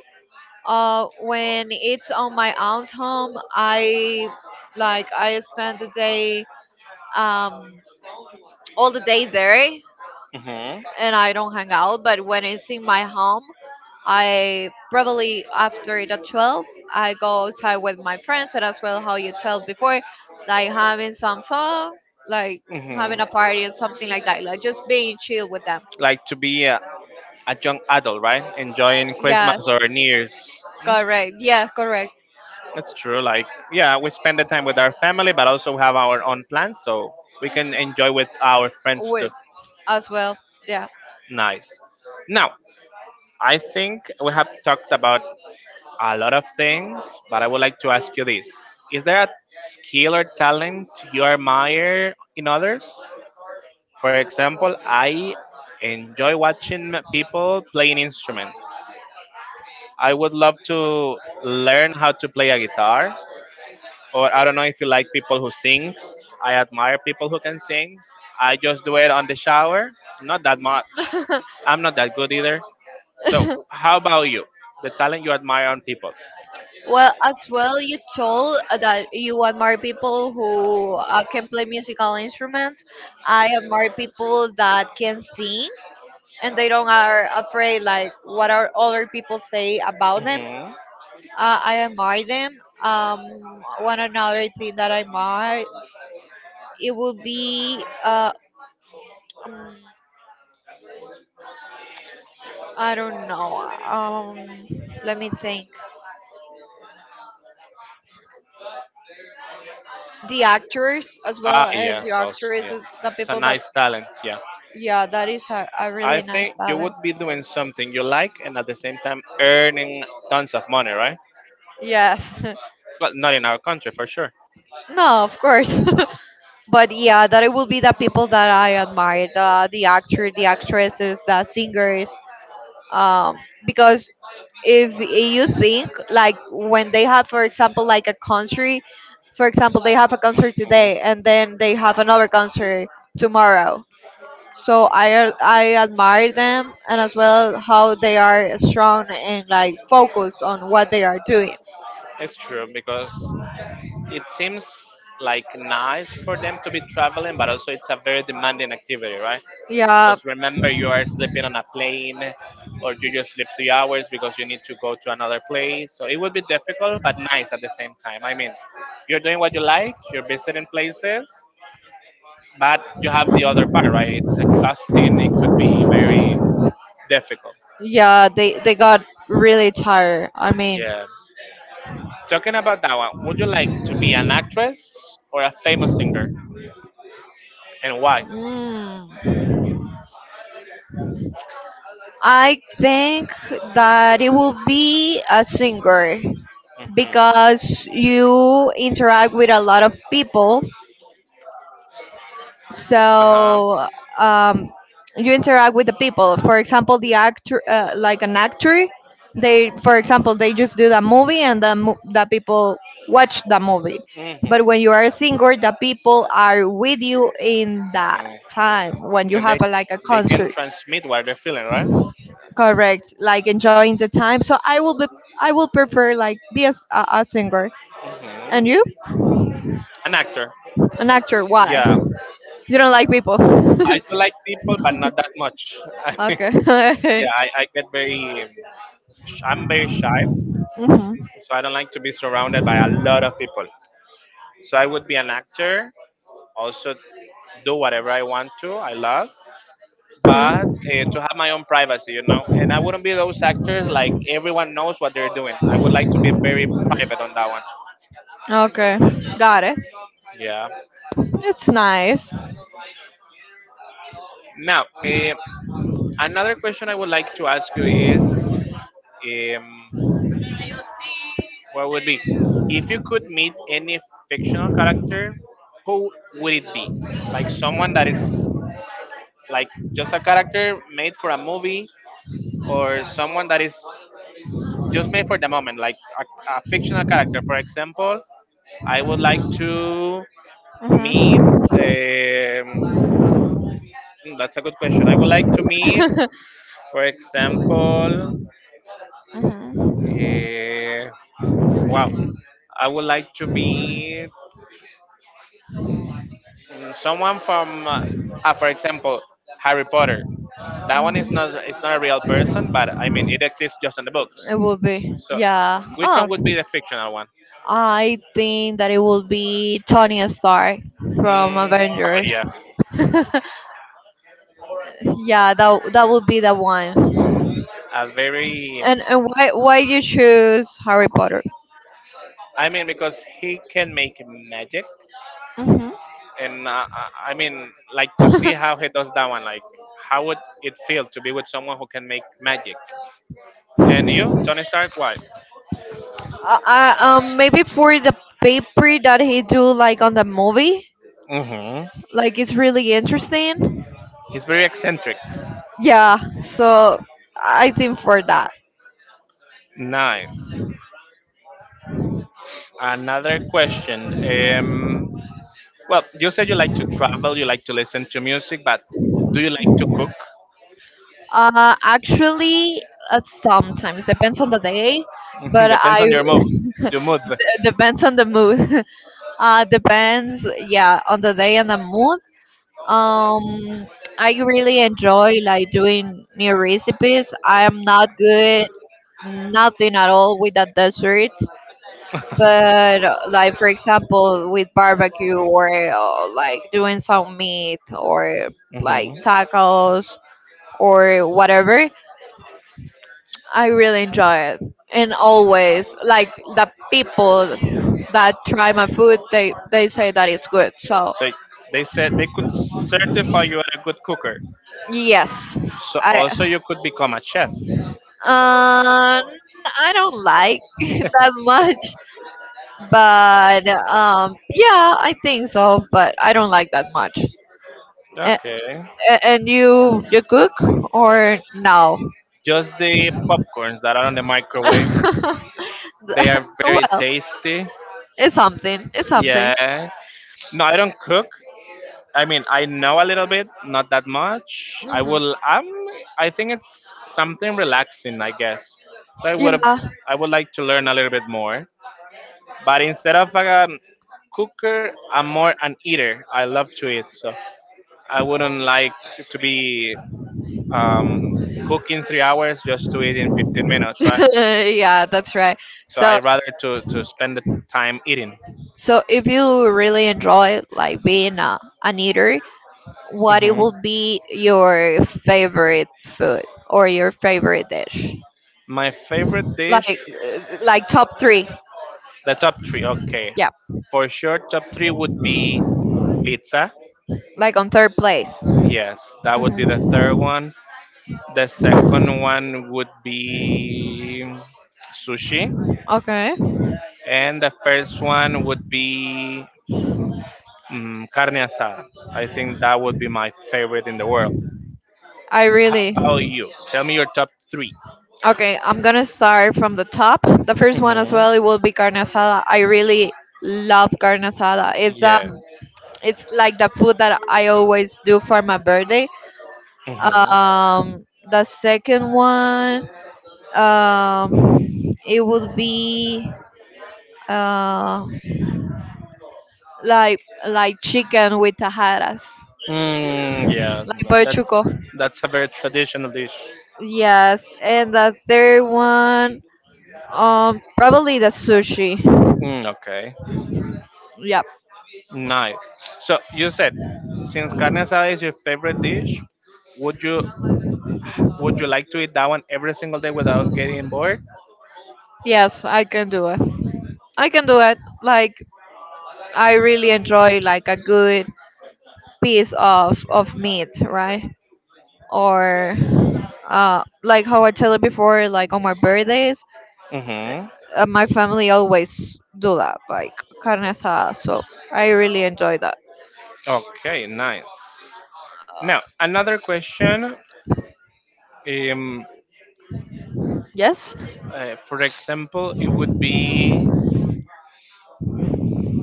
Speaker 2: When it's on my aunt's home, I, like I spend the day, um, all the day there,
Speaker 1: hmm
Speaker 2: and I don't hang out. But when it's in my home, I probably after the 12, I go outside with my friends, and as well how you tell before, like having some fun, like having a
Speaker 1: hmm
Speaker 2: party and something like that, like just being chill with them.
Speaker 1: Like to be a young adult, right? Enjoying Christmas
Speaker 2: Yes,
Speaker 1: or New Year's. Mm,
Speaker 2: correct. Yeah, correct.
Speaker 1: that's true. Like, yeah, we spend the time with our family, but also have our own plans, so we can enjoy
Speaker 2: Mhm.
Speaker 1: with our friends too.
Speaker 2: Whip as well. Yeah.
Speaker 1: Nice. Now, I think we have talked about a lot of things, but I would like to ask you this. Is there a skill or talent you admire in others? For example, I enjoy watching people playing instruments. I would love to learn how to play a guitar. Or I don't know if you like people who sings. I admire people who can sing. I just do it on the shower. Not that much. I'm not that good either. So how about you? The talent you admire on people.
Speaker 2: Well, as well, you told that you admire people who can play musical instruments. I admire people that can sing and they don't are afraid like what are other people say about them.
Speaker 1: Hmm
Speaker 2: I admire them. One another thing that I admire, it would be, um, I don't know. Let me think. The actors as
Speaker 1: Ah,
Speaker 2: well and the
Speaker 1: yes, also, yeah.
Speaker 2: actresses, the
Speaker 1: It's
Speaker 2: people
Speaker 1: a
Speaker 2: that.
Speaker 1: nice talent, yeah.
Speaker 2: Yeah, that is a
Speaker 1: I
Speaker 2: really nice
Speaker 1: think you
Speaker 2: talent.
Speaker 1: would be doing something you like and at the same time earning tons of money, right?
Speaker 2: Yes.
Speaker 1: Well, not in our country, for sure.
Speaker 2: No, of course. But yeah, that it will be the people that I admire, the actor, the actresses, the singers. Um, because if you think like when they have, for example, like a country, for example, they have a concert
Speaker 1: Mhm.
Speaker 2: today and then they have another concert tomorrow. So I admire them, and as well how they are strong and like focused on what they are doing.
Speaker 1: It's true because it seems like nice for them to be traveling, but also it's a very demanding activity, right?
Speaker 2: Yeah.
Speaker 1: Because remember, you are sleeping on a plane or you just sleep 3 hours because you need to go to another place. So it would be difficult, but nice at the same time. I mean, you're doing what you like, you're visiting places, but you have the other part, right? It's exhausting. It could be very difficult.
Speaker 2: Yeah, they got really tired. I mean,
Speaker 1: Yeah. Talking about that one, would you like to be an actress or a famous singer, and why?
Speaker 2: mm, I think that it will be a singer
Speaker 1: Hmm
Speaker 2: because you interact with a lot of people,
Speaker 1: Uh huh.
Speaker 2: so, um, you interact with the people. For example the actor, like an actor, they, for example, they just do the movie, and the people watch the movie.
Speaker 1: hmm
Speaker 2: But when you are a singer, the people are with you in that
Speaker 1: hmm
Speaker 2: time when you
Speaker 1: And
Speaker 2: have a, like a
Speaker 1: they can
Speaker 2: concert.
Speaker 1: transmit what they're feeling, right?
Speaker 2: Correct, like enjoying the time. So I will be, I will prefer like be a singer. And you?
Speaker 1: hmm An actor.
Speaker 2: An actor, why?
Speaker 1: Yeah.
Speaker 2: You don't like people?
Speaker 1: I do like people, but not that much. I mean,
Speaker 2: Yeah,
Speaker 1: yeah, I get very, I'm very shy,
Speaker 2: mhm.
Speaker 1: so I don't like to be surrounded by a lot of people. So I would be an actor also, do whatever I want to. I love, but
Speaker 2: Mhm.
Speaker 1: to have my own privacy, you know. And I wouldn't be those actors like everyone knows what they're doing. I would like to be very private on that one.
Speaker 2: Okay. Got it.
Speaker 1: Yeah.
Speaker 2: It's nice. Like,
Speaker 1: Now, another question I would like to ask you is, um, what would be, if you could meet any fictional character, who would it be? Like someone that is like just a character made for a movie, or someone that is just made for the moment, like a fictional character. For example, I would like to meet.
Speaker 2: mhm.
Speaker 1: Um, hmm, that's a good question. I would like to meet,
Speaker 2: Be
Speaker 1: for example,
Speaker 2: mhm.
Speaker 1: uh, wow, I would like to meet mm, someone from, for example, Harry Potter. That
Speaker 2: Mhm.
Speaker 1: one is not it's not a real person, but I mean it exists just in the books.
Speaker 2: It would be,
Speaker 1: So,
Speaker 2: yeah.
Speaker 1: which
Speaker 2: Oh,
Speaker 1: one would be the fictional one?
Speaker 2: I think that it would be Tony Stark from
Speaker 1: Mm, oh
Speaker 2: Avengers.
Speaker 1: yeah,
Speaker 2: Yeah, that that would be the one.
Speaker 1: a very,
Speaker 2: And why you choose Harry Potter?
Speaker 1: I mean, because he can make magic, and I mean, like to
Speaker 2: Hmm.
Speaker 1: see how he does that one. Like, how would it feel to be with someone who can make magic? And you, Tony Stark, why?
Speaker 2: Maybe for the paper that he do like on the movie,
Speaker 1: Hmm
Speaker 2: like it's really interesting.
Speaker 1: He's very eccentric.
Speaker 2: Yeah, so I think for that.
Speaker 1: Nice. Another question. Well, you said you like to travel, you like to listen to music, but do you like to cook?
Speaker 2: Actually, sometimes depends on the day, but
Speaker 1: Depends
Speaker 2: I
Speaker 1: on your mood. Your mood.
Speaker 2: depends on the mood. Depends, yeah, on the day and the mood. Um, I really enjoy like doing new recipes. I am not good, nothing at all with the dessert. But like for example, with barbecue or like doing some meat or like
Speaker 1: Mhm.
Speaker 2: tacos or whatever, I really enjoy it. And always like the people that try my food, they say that it's good. So
Speaker 1: So they said they could certify you are a good cooker.
Speaker 2: yes,
Speaker 1: So also
Speaker 2: I,
Speaker 1: you could become a chef.
Speaker 2: um, I don't like that much, but yeah, I think so. But I don't like that much. Eh,
Speaker 1: Okay.
Speaker 2: And you cook or no?
Speaker 1: Just the popcorns that are on the microwave. They are very
Speaker 2: Well,
Speaker 1: tasty.
Speaker 2: it's something. It's something.
Speaker 1: Yeah. No, I don't cook. I mean, I know a little bit, not that much. I
Speaker 2: Hmm.
Speaker 1: will. I think it's something relaxing, I guess. So
Speaker 2: Yeah,
Speaker 1: I would like to learn a little bit more. But instead of a cooker, I'm more an eater. I love to eat, so I wouldn't like to be um, cooking 3 hours just to eat in 15 minutes, right?
Speaker 2: yeah, that's right.
Speaker 1: So I
Speaker 2: So,
Speaker 1: rather to spend the time eating.
Speaker 2: so if you really enjoy like being an eater, what it
Speaker 1: Hmm
Speaker 2: will be your favorite food or your favorite dish?
Speaker 1: My favorite dish,
Speaker 2: Like top three.
Speaker 1: the top three. Okay,
Speaker 2: Yeah.
Speaker 1: for sure, top three would be pizza.
Speaker 2: Like on third place.
Speaker 1: Yes, that would be the third
Speaker 2: Mhm.
Speaker 1: one. The second one would be sushi,
Speaker 2: Okay.
Speaker 1: and the first one would be carne asada. I think that would be my favorite in the world.
Speaker 2: I really.
Speaker 1: How about you? Tell me your top 3.
Speaker 2: Okay, I'm gonna start from the top. The first one as
Speaker 1: Mm-hmm.
Speaker 2: well, it will be carne asada. I really love carne asada. It's,
Speaker 1: Yes.
Speaker 2: it's like the food that I always do for my birthday.
Speaker 1: Hmm.
Speaker 2: The second one, um, it would be, uh, like chicken with tajadas,
Speaker 1: Mm, yeah.
Speaker 2: like
Speaker 1: tha- That's
Speaker 2: porchuco.
Speaker 1: that's a very traditional dish.
Speaker 2: Yes, and the third one, probably the sushi.
Speaker 1: Mm, okay.
Speaker 2: Yep.
Speaker 1: Nice. So you said, since carne asada is your favorite dish, would you would you like to eat that one every single day without getting bored?
Speaker 2: Yes, I can do it. I can do it. Like I really enjoy like a good piece of meat, right? Or, like how I tell it before, like on my birthdays,
Speaker 1: Mm-hmm.
Speaker 2: my family always do that, like carne asada. So I really enjoy that.
Speaker 1: Okay. Nice. Now another
Speaker 2: Uh,
Speaker 1: question. Um,
Speaker 2: yes.
Speaker 1: for example, it would be,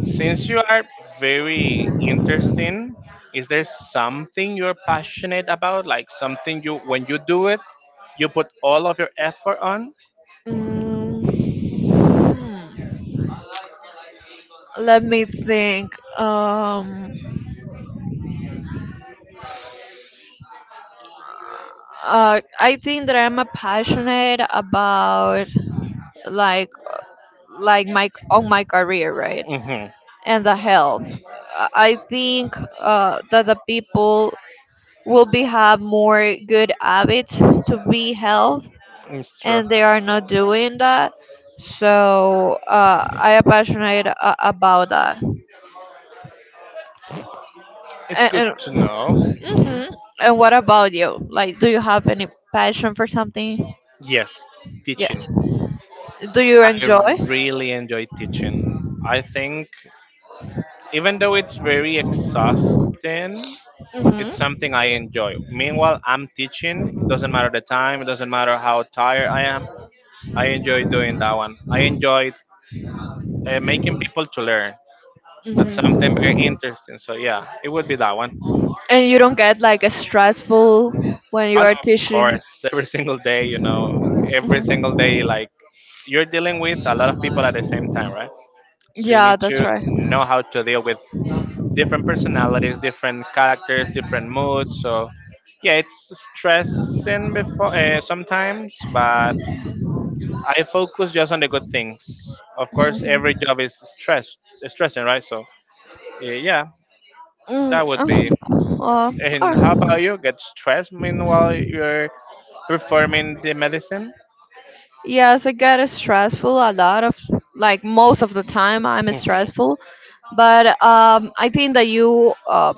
Speaker 1: since you are very interesting, is there something you're passionate about? Like something you, when you do it, you put all of your effort on?
Speaker 2: Mm, hmm. Let me think. Um, I think that I'm a passionate about like like my on my career, right,
Speaker 1: Mm-hmm.
Speaker 2: and the health. I think that the people will be have more good habits to be health,
Speaker 1: It's true.
Speaker 2: and they are not doing that. So, I am passionate, about that.
Speaker 1: It's
Speaker 2: And,
Speaker 1: good to know.
Speaker 2: and
Speaker 1: Hmm.
Speaker 2: hmm. And what about you? Like, do you have any passion for something?
Speaker 1: Yes, teaching.
Speaker 2: Yes. Do you
Speaker 1: I
Speaker 2: enjoy?
Speaker 1: really enjoy teaching. I think even though it's very exhausting,
Speaker 2: Hmm.
Speaker 1: it's something I
Speaker 2: Hmm.
Speaker 1: enjoy. Meanwhile, I'm teaching. It doesn't matter the time. It doesn't matter how tired I am. I enjoy doing that one. I enjoy making people to learn. That's something very interesting. So yeah, it would be that one.
Speaker 2: And you don't get like a stressful when you
Speaker 1: And
Speaker 2: are
Speaker 1: of
Speaker 2: teaching.
Speaker 1: course, every single day, every single day,
Speaker 2: Mhm.
Speaker 1: like you're dealing with a lot of people at the same time, right? So you
Speaker 2: Yeah,
Speaker 1: need
Speaker 2: that's
Speaker 1: to
Speaker 2: right.
Speaker 1: know
Speaker 2: Mhm.
Speaker 1: how to deal with different personalities, different characters, different moods. So yeah, it's stressing before sometimes, but I focus just on the good things. Of course, every job is stressing, right? So yeah,
Speaker 2: Mm,
Speaker 1: that would be.
Speaker 2: uh, uh,
Speaker 1: And how
Speaker 2: uh,
Speaker 1: about you? Get stressed meanwhile you're performing the medicine?
Speaker 2: Yes, I get stressful a lot of, like most of the time I'm
Speaker 1: Hmm.
Speaker 2: stressful, but I think that you uh,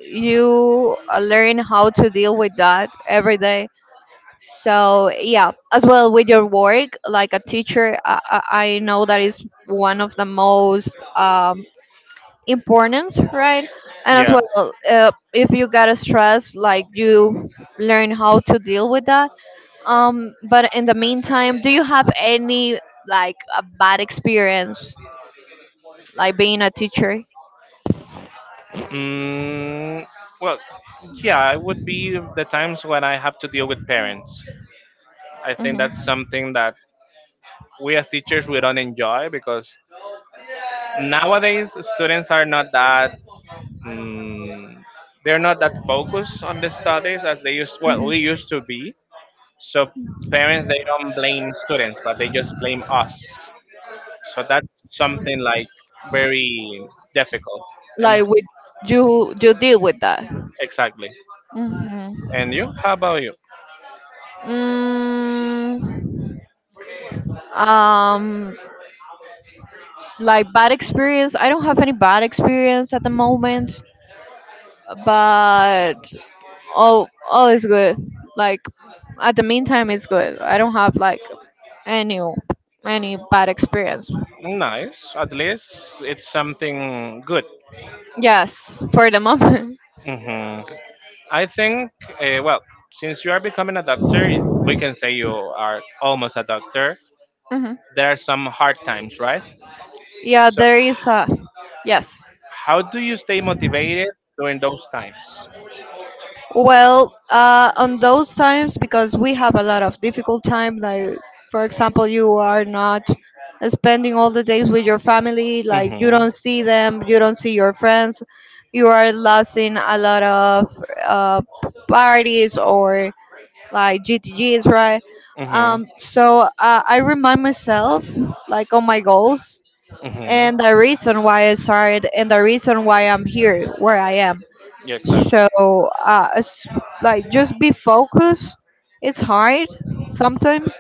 Speaker 2: you uh, learn how to deal with that every day. So yeah, as well with your work like a teacher, I know that is one of the most, importance, right? And as
Speaker 1: Yeah.
Speaker 2: well, if you got a stress, like you learn how to deal with that. Um, but in the meantime, do you have any like a bad experience like being a teacher?
Speaker 1: Mm, well, yeah, it would be the times when I have to deal with parents. I think that's
Speaker 2: Mhm.
Speaker 1: something that we as teachers we don't enjoy because nowadays students are not that mm, they're not that focused on the
Speaker 2: Mhm.
Speaker 1: studies as they used, well, we used to be, so parents they don't blame students but they just blame us, so that's something like very difficult and
Speaker 2: Like with you, you deal with that.
Speaker 1: exactly
Speaker 2: Hmm.
Speaker 1: and you, how about you?
Speaker 2: Mm, um, like bad experience. I don't have any bad experience at the moment, but all is good. Like at the meantime, it's good. I don't have like any any bad experience.
Speaker 1: Nice, at least it's something good.
Speaker 2: Yes, for the moment.
Speaker 1: Hmm. I think, well, since you are becoming a doctor, we can say you are almost a doctor,
Speaker 2: Hmm.
Speaker 1: there are some hard times, right?
Speaker 2: Yeah,
Speaker 1: So,
Speaker 2: there is a yes.
Speaker 1: how do you stay motivated during those times?
Speaker 2: Well, on those times, because we have a lot of difficult time, like for example, you are not spending all the days with your family, like you
Speaker 1: Mhm.
Speaker 2: don't see them, you don't see your friends, you are lost in a lot of parties or like GTGs, right?
Speaker 1: Mhm.
Speaker 2: So, I remind myself, like on my goals
Speaker 1: Mhm.
Speaker 2: and the reason why I started and the reason why I'm here, where I am.
Speaker 1: Yeah, exactly.
Speaker 2: So, it's like just be focused. It's hard sometimes,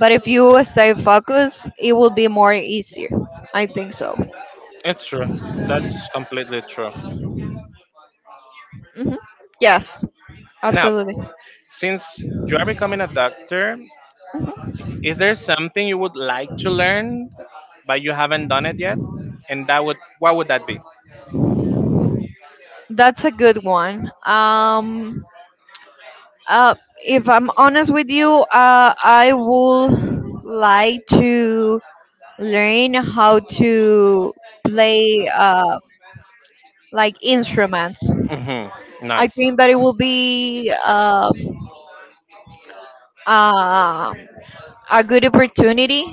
Speaker 2: but if you stay focused, it will be more easier. I think so.
Speaker 1: It's true. That's completely true.
Speaker 2: Hmm. Yes,
Speaker 1: Now,
Speaker 2: absolutely.
Speaker 1: since
Speaker 2: Mm-hmm.
Speaker 1: you are becoming a doctor, is there something you would like to learn but you haven't done it yet? And that would, what would that be?
Speaker 2: That's a good one. Uh, if I'm honest with you, I would like to learn how to play, like instruments.
Speaker 1: Mhm.
Speaker 2: I
Speaker 1: Nice.
Speaker 2: think that it will be, uh, a good opportunity.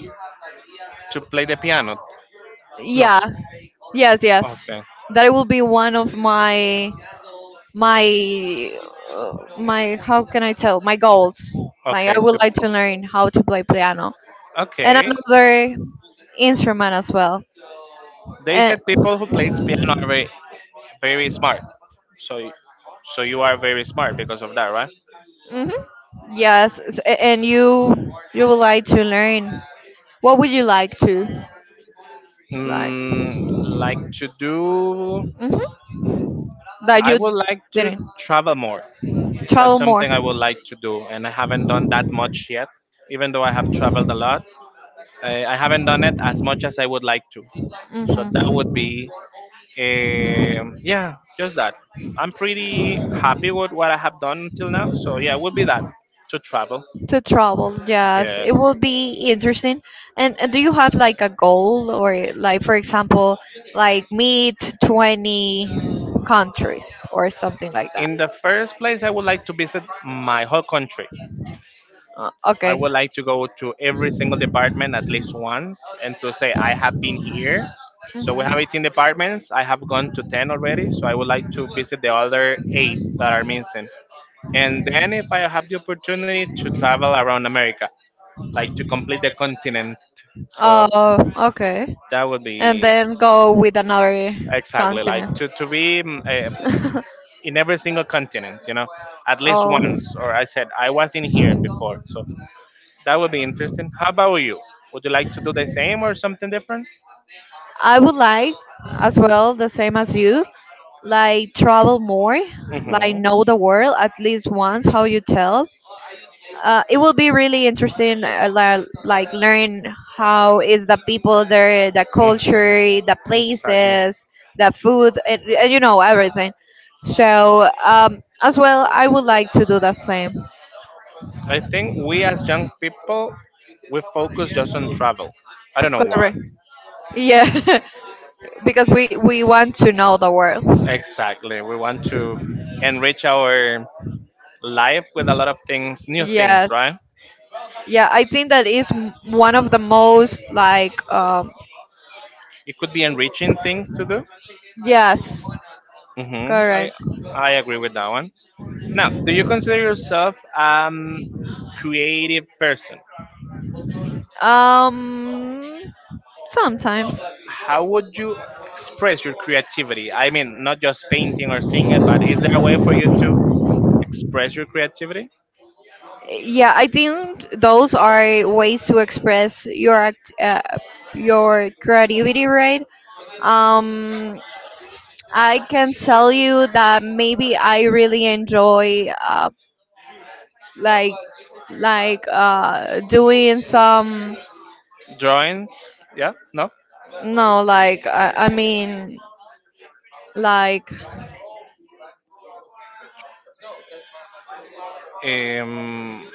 Speaker 1: To play the piano? No.
Speaker 2: Yeah. Yes. Yes.
Speaker 1: Okay.
Speaker 2: That it will be one of my, my my, how can I tell, my goals. Like
Speaker 1: Okay.
Speaker 2: I would
Speaker 1: To,
Speaker 2: like to learn how to play piano and
Speaker 1: okay.
Speaker 2: another instrument as well.
Speaker 1: They
Speaker 2: And
Speaker 1: said people who plays piano are very, very smart. So, so you are very smart because of that, right?
Speaker 2: hmm. Yes, and you would like to learn. What would you like to? Like,
Speaker 1: Mm, like to do, I would like to travel more. That's something I would like to do, and I haven't done that much yet. Even though I have traveled a lot, I haven't done it as much as I would like to. So that would be, yeah, just that. I'm pretty happy with what I have done till now. So yeah, it would be that, to travel.
Speaker 2: to travel, yes, it
Speaker 1: Yes.
Speaker 2: will be interesting. And do you have like a goal or like, for example, like meet 20 countries or something like that?
Speaker 1: In the first place, I would like to visit my whole country. I
Speaker 2: Okay.
Speaker 1: would like to go to every single department at least once and to say, I have been here. So we have 18 departments. I have gone to 10 already. So I would like to visit the other 8
Speaker 2: Mhm.
Speaker 1: that are missing. And then, if I have the opportunity to travel around America, like to complete the continent. So
Speaker 2: Oh, okay.
Speaker 1: that would
Speaker 2: And
Speaker 1: be
Speaker 2: then go with another
Speaker 1: exactly like
Speaker 2: continent.
Speaker 1: to be in every single continent, you know, at least
Speaker 2: Oh.
Speaker 1: once. Or I said, I was in here before. So that would be interesting. How about you? Would you like to do the same or something different?
Speaker 2: I would like as well the same as you, like travel more, like
Speaker 1: Mm-hmm.
Speaker 2: know the world at least once how you tell it will be really interesting, like learn how is the people there, the
Speaker 1: Mm-hmm.
Speaker 2: culture, the
Speaker 1: Exactly.
Speaker 2: places, the food, and you know everything. So as well I would like to do the same.
Speaker 1: I think we as young people, we focus just on travel. I don't know why.
Speaker 2: Correct. Yeah. Because we want to know the world.
Speaker 1: Exactly. We want to enrich our life with a lot of things, new things,
Speaker 2: Yes,
Speaker 1: right?
Speaker 2: yeah, I think that is one of the most like
Speaker 1: It could be enriching things to do.
Speaker 2: yes,
Speaker 1: Mm-hmm. I
Speaker 2: correct.
Speaker 1: I agree with that one. Now, do you consider yourself creative person?
Speaker 2: Um, Sometimes.
Speaker 1: How would you express your creativity? I mean, not just painting or singing, but is there a way for you to express your creativity?
Speaker 2: Yeah, I think those are ways to express your your creativity, right? Um, I can tell you that maybe I really enjoy like doing some.
Speaker 1: Drawings? Yeah? No?
Speaker 2: No, like I mean, like
Speaker 1: Um,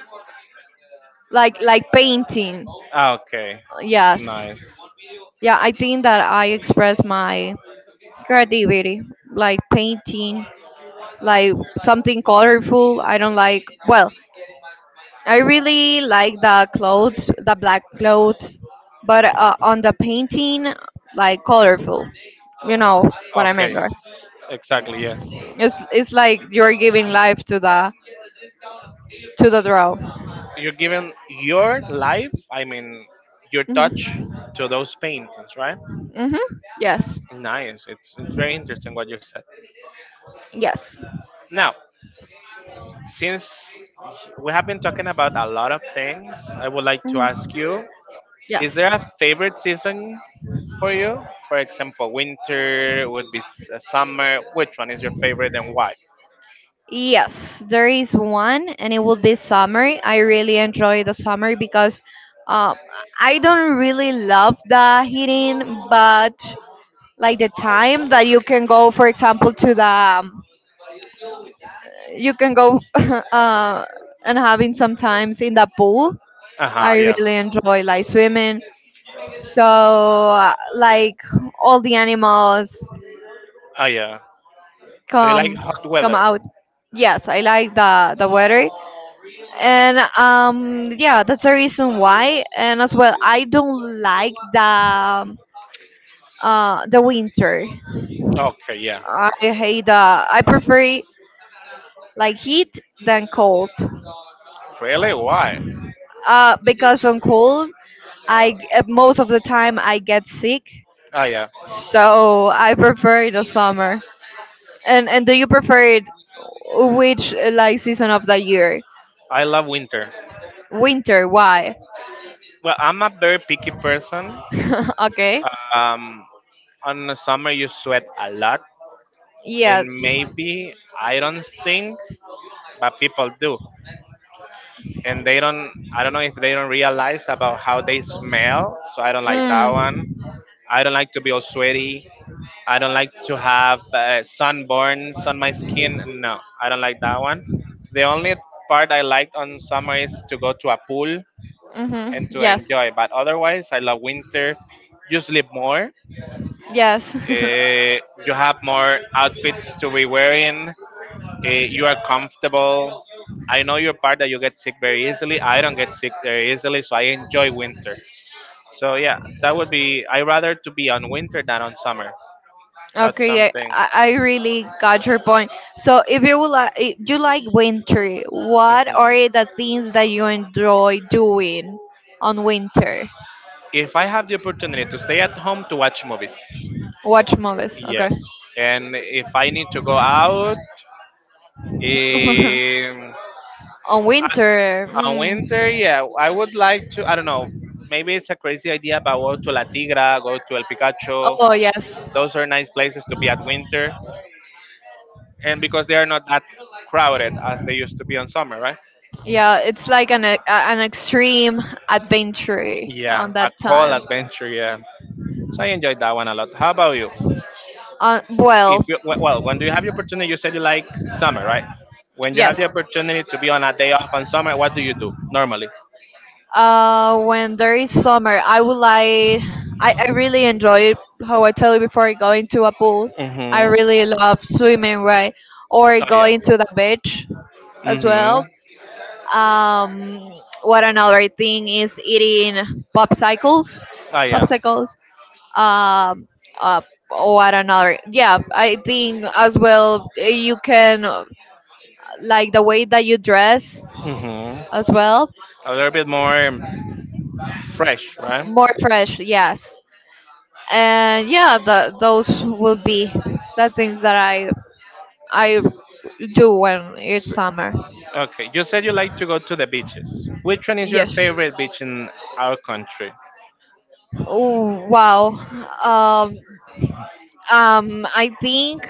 Speaker 2: like painting.
Speaker 1: ah, okay.
Speaker 2: Yes.
Speaker 1: Nice.
Speaker 2: Yeah, I think that I express my creativity, like painting, like something colorful. I don't like, well, I really like the clothes, the black clothes, but on the painting, like colorful. You know what I
Speaker 1: Okay,
Speaker 2: mean, right?
Speaker 1: exactly. Yeah.
Speaker 2: It's like you're giving life to the draw.
Speaker 1: You're giving your life, I mean, your touch to those
Speaker 2: Mm-hmm.
Speaker 1: paintings, right?
Speaker 2: Mm-hmm. Yes.
Speaker 1: Nice. It's very interesting what you said.
Speaker 2: Yes.
Speaker 1: Now, since we have been talking about a lot of things,
Speaker 2: Mhm.
Speaker 1: I would like to
Speaker 2: Mhm.
Speaker 1: ask
Speaker 2: Is.
Speaker 1: you, is
Speaker 2: Yes.
Speaker 1: there a favorite season for you? For example, winter would be summer. Which one is your favorite and why?
Speaker 2: Yes, there is one, and it will be summer. I really enjoy the summer because um, I don't really love the heating, but like the time that you can go, for example, to the um, you can go uh, and having sometimes in the pool.
Speaker 1: Uh huh,
Speaker 2: I
Speaker 1: yeah.
Speaker 2: really enjoy like swimming. So like all the animals
Speaker 1: Oh, yeah. So you like
Speaker 2: come
Speaker 1: hot
Speaker 2: come
Speaker 1: weather?
Speaker 2: out. Yes, I like the weather. And yeah, that's the reason why. And as well, I don't like the winter.
Speaker 1: Okay, yeah.
Speaker 2: I hate the I prefer like heat than cold.
Speaker 1: Really? Why?
Speaker 2: Because on cold, I most of the time I get sick.
Speaker 1: Oh, yeah.
Speaker 2: So I prefer the summer. And do you prefer it, which like season of the year?
Speaker 1: I love winter.
Speaker 2: Winter. Why?
Speaker 1: Well, I'm a very picky person.
Speaker 2: Okay.
Speaker 1: Um, on the summer, you sweat a lot, and
Speaker 2: Yes.
Speaker 1: maybe I don't stink, but people do. And they don't, I don't know if they don't realize about how they smell, so I don't like that
Speaker 2: Mm.
Speaker 1: one. I don't like to be all sweaty. I don't like to have sunburns on my skin, no, I don't like that one. The only part I like on summer is to go to a pool and
Speaker 2: Mm-hmm.
Speaker 1: to
Speaker 2: Yes.
Speaker 1: enjoy, but otherwise I love winter. You sleep more,
Speaker 2: Yes.
Speaker 1: uh, you have more outfits to be wearing, you are comfortable. I know your part that you get sick very easily. I don't get sick very easily, so I enjoy winter. So yeah, that would be. I rather to be on winter than on summer. That's
Speaker 2: Okay, I,
Speaker 1: something.
Speaker 2: I I really got your point. So, if you would like, if you like winter, what
Speaker 1: Mhm.
Speaker 2: are the things that you enjoy doing on winter?
Speaker 1: If I have the opportunity to stay at home to watch movies,
Speaker 2: Watch movies. Okay.
Speaker 1: yes. And if I need to go out, um,
Speaker 2: On
Speaker 1: I-
Speaker 2: winter.
Speaker 1: on
Speaker 2: Mm.
Speaker 1: winter, yeah, I would like to. I don't know. Maybe it's a crazy idea, but go to La Tigra, go to El Picacho.
Speaker 2: Oh yes,
Speaker 1: Those are nice places to be at winter. And because they are not that crowded as they used to be on summer, right?
Speaker 2: yeah. It's like an an extreme adventure on
Speaker 1: Yeah,
Speaker 2: that
Speaker 1: a cold
Speaker 2: time.
Speaker 1: adventure. Yeah, so I enjoyed that one a lot. How about you?
Speaker 2: Well,
Speaker 1: If you well, when do you have the opportunity? You said you like summer, right? When you have the opportunity to be on a day off on summer, what do you do normally?
Speaker 2: when there is summer, I would like. I really enjoy how I tell you before, going to a pool. I
Speaker 1: Mm-hmm.
Speaker 2: really love swimming, right? Or
Speaker 1: Oh yeah.
Speaker 2: going to the beach as
Speaker 1: Mm-hmm.
Speaker 2: well. Um, what another thing is eating popsicles.
Speaker 1: Oh yeah.
Speaker 2: Popsicles um uh, or another. Yeah, I think as well you can like the way that you dress
Speaker 1: Mm-hmm.
Speaker 2: as well,
Speaker 1: A little bit more fresh, right?
Speaker 2: more fresh. Yes. And yeah, the, those will be the things that I do when it's summer.
Speaker 1: Okay. You said you like to go to the beaches. Which one is your
Speaker 2: Yes.
Speaker 1: favorite beach in our country?
Speaker 2: Oh wow. um I think,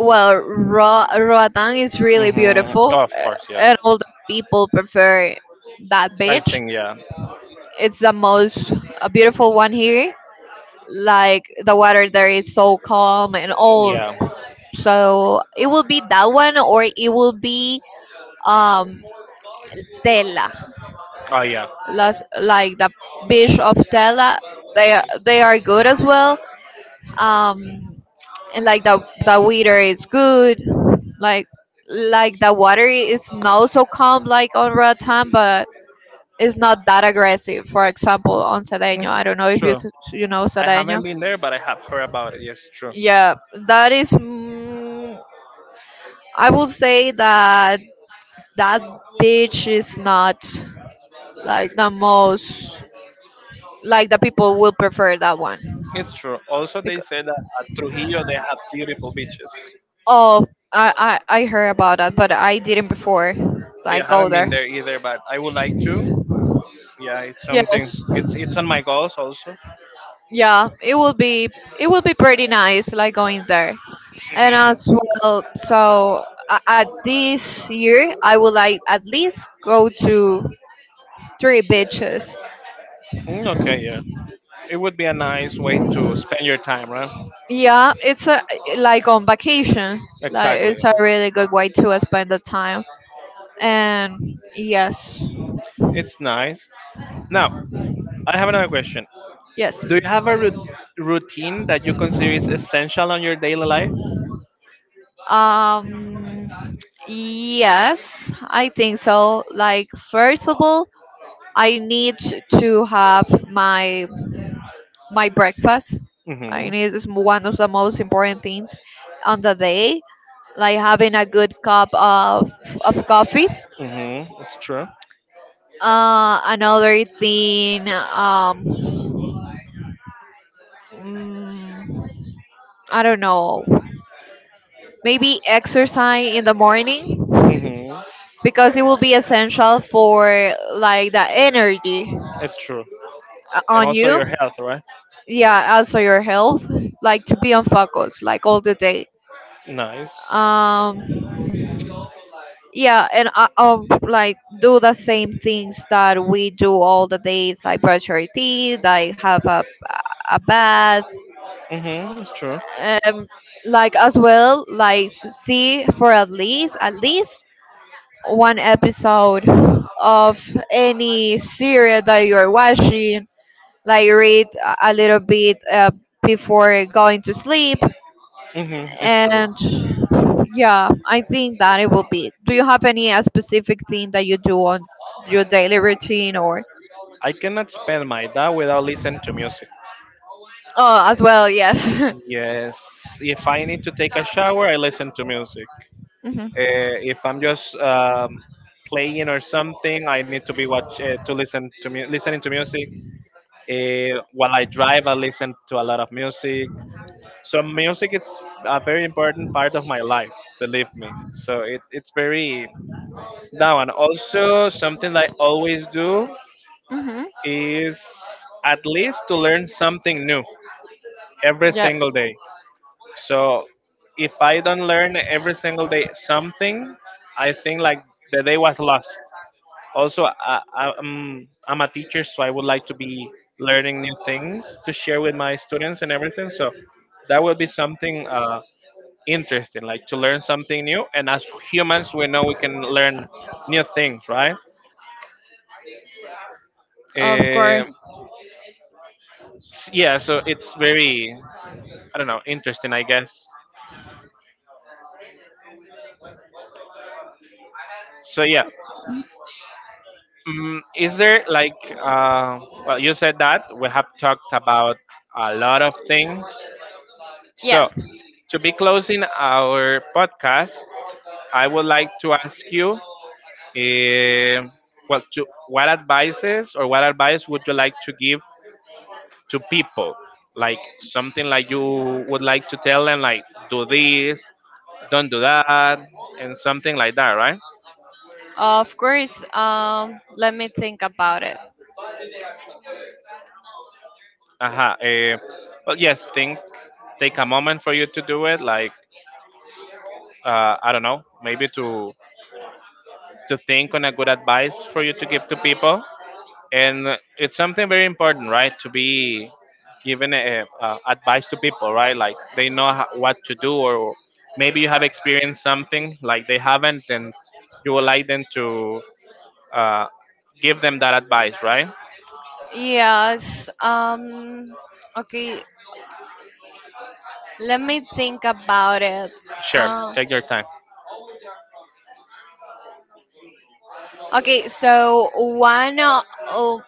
Speaker 2: well, Roatan is really
Speaker 1: Mm-hmm.
Speaker 2: beautiful,
Speaker 1: Oh, of course, yeah.
Speaker 2: and all the people prefer that
Speaker 1: I
Speaker 2: beach.
Speaker 1: think yeah,
Speaker 2: It's the most beautiful one here. Like the water there is so calm and all.
Speaker 1: yeah,
Speaker 2: So it will be that one, or it will be um Tela,
Speaker 1: oh yeah,
Speaker 2: Las, like the beach of Tela. They are good as well. Um, and like the weather is good. like like the water is not so calm like on Ratan, but it's not that aggressive. For example, on Cedeno,
Speaker 1: it's
Speaker 2: I don't know if you
Speaker 1: true.
Speaker 2: you know
Speaker 1: I
Speaker 2: Cedeno.
Speaker 1: haven't been there, but I have heard about it. Yes, true.
Speaker 2: Yeah, that is. Mm, I would say that that beach is not like the most, like the people will prefer that one.
Speaker 1: It's true. Also, they
Speaker 2: Because,
Speaker 1: say that at Trujillo they have beautiful beaches.
Speaker 2: oh, I heard about that, but I didn't before.
Speaker 1: Yeah,
Speaker 2: Like
Speaker 1: I
Speaker 2: go
Speaker 1: haven't
Speaker 2: there.
Speaker 1: been there either, but I would like to. Yeah, it's something.
Speaker 2: Yes.
Speaker 1: It's on my goals also.
Speaker 2: Yeah, it will be pretty nice, like going there. And
Speaker 1: Mhm.
Speaker 2: as well, so at this year I would like at least go to three beaches.
Speaker 1: Mm, okay, yeah. It would be a nice way to spend your time, right?
Speaker 2: Yeah, it's a, like on vacation. Like
Speaker 1: Exactly.
Speaker 2: it's a really good way to spend the time. And yes.
Speaker 1: It's nice. Now, I have another question.
Speaker 2: Yes.
Speaker 1: Do you have a routine that you consider is essential on your daily life?
Speaker 2: Um, yes, I think so. Like first of all, I need to have my breakfast. I
Speaker 1: Hmm.
Speaker 2: need is one of the most important things on the day, like having a good cup of coffee.
Speaker 1: Mm-hmm. It's true.
Speaker 2: Another thing, mm, I don't know, maybe exercise in the morning
Speaker 1: Mm-hmm.
Speaker 2: because it will be essential for like the energy
Speaker 1: It's true. And
Speaker 2: on
Speaker 1: also
Speaker 2: you.
Speaker 1: your health, right?
Speaker 2: Yeah, also your health, like to be on focus, like all the day.
Speaker 1: Nice.
Speaker 2: Um, yeah, and like do the same things that we do all the days, like brush your teeth, like have a bath,
Speaker 1: Mm-hmm. It's true.
Speaker 2: um, like as well, like to see for at least one episode of any series that you're watching. Like read a little bit before going to sleep
Speaker 1: Mm-hmm. It's true.
Speaker 2: and yeah, I think that it will be. Do you have any specific thing that you do on your daily routine or.
Speaker 1: I cannot spend my day without listening to music.
Speaker 2: Oh, as well, yes.
Speaker 1: Yes. If I need to take a shower, I listen to music.
Speaker 2: Hmm.
Speaker 1: If I'm just playing or something, I need to be watch to listen to mu- listening to music. While I drive, I listen to a lot of music. So music is a very important part of my life, believe me. So it's very that one. Also, something I always do
Speaker 2: Hmm.
Speaker 1: is at least to learn something new every
Speaker 2: Yes.
Speaker 1: single day. So if I don't learn every single day something, I think like the day was lost. Also, I'm a teacher, so I would like to be learning new things to share with my students and everything. So that will be something. Interesting, like to learn something new. And as humans, we know we can learn new things, right?
Speaker 2: Of
Speaker 1: Uh,
Speaker 2: course.
Speaker 1: yeah, so it's very, I don't know, interesting, I guess. So yeah, mm, is there like, uh, well, you said that we have talked about a lot of things. So
Speaker 2: Yes.
Speaker 1: to be closing our podcast, I would like to ask you, eh, well, to what advices or what advice would you like to give to people, like something like you would like to tell them like do this, don't do that and something like that, right?
Speaker 2: Of course. Let me think about it.
Speaker 1: Uh-huh. But yes, think, take a moment for you to do it, like, I don't know, maybe to think on a good advice for you to give to people. And it's something very important, right? To be given a, advice to people, right? Like they know what to do, or maybe you have experienced something like they haven't, and you would like them to uh, give them that advice, right?
Speaker 2: Yes. Okay. Let me think about it.
Speaker 1: Sure,
Speaker 2: um
Speaker 1: take your time.
Speaker 2: okay, so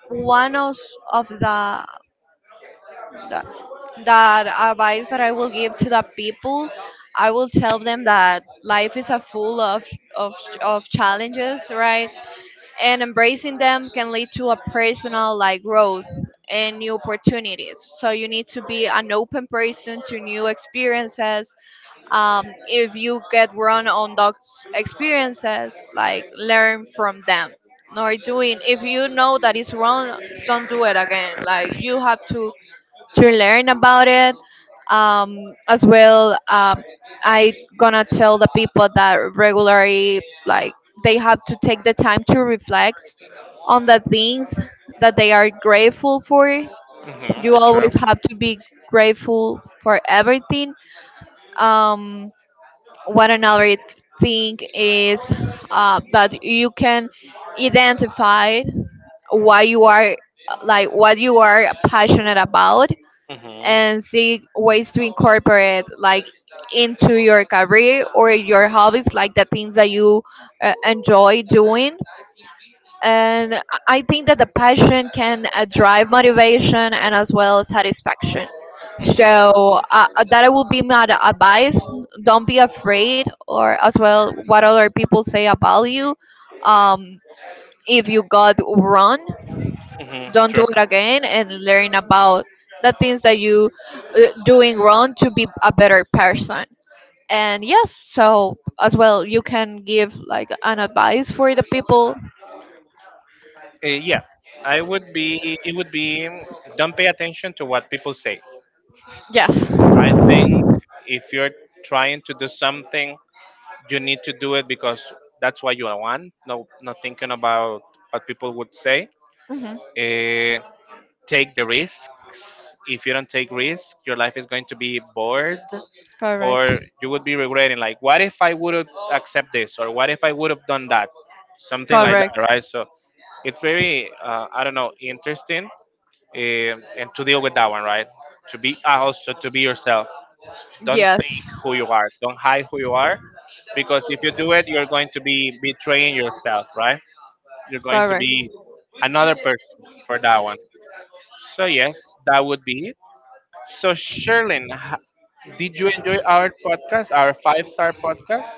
Speaker 2: one of the that that advice that I will give to the people, I will tell them that life is a full of of challenges, right? And embracing them can lead to a personal like growth and new opportunities. So you need to be an open person to new experiences. If you get wrong on those experiences, like learn from them. Nor doing if you know that it's wrong, don't do it again. Like you have to learn about it. Um, as well, um, I gonna tell the people that regularly, like they have to take the time to reflect on the things that they are grateful for.
Speaker 1: Hmm,
Speaker 2: You
Speaker 1: it's true.
Speaker 2: always have to be grateful for everything. Um, what another thing is that you can identify why you are, like what you are passionate about,
Speaker 1: Hmm.
Speaker 2: and seek ways to incorporate like into your career or your hobbies, like the things that you enjoy doing. And I think that the passion can drive motivation and as well satisfaction.
Speaker 1: Hmm.
Speaker 2: So that will be my advice. Don't be afraid or as well what other people say about you. um, if you got wrong,
Speaker 1: Hmm, it's
Speaker 2: don't do
Speaker 1: true.
Speaker 2: it again and learn about the things that you doing wrong to be a better person. And yes, so as well you can give like an advice for the people.
Speaker 1: Yeah, I would be it would be, don't pay attention to what people say.
Speaker 2: Yes.
Speaker 1: I think if you're trying to do something, you need to do it because that's what you want. No, not thinking about what people would say.
Speaker 2: Hmm.
Speaker 1: Eh, take the risks. If you don't take risks, your life is going to be bored,
Speaker 2: Correct.
Speaker 1: or you would be regretting. Like, what if I would have accept this, or what if I would have done that? Something like that,
Speaker 2: Correct.
Speaker 1: right? So it's very, I don't know, interesting, and to deal with that one, right? To be also to be yourself. Don't
Speaker 2: Yes.
Speaker 1: fake who you are. Don't hide who you are, because if you do it, you're going to be betraying yourself, right? You're going to
Speaker 2: Correct.
Speaker 1: be another person for that one. So yes, that would be it. So Sherlyn, did you enjoy our podcast, our five-star podcast?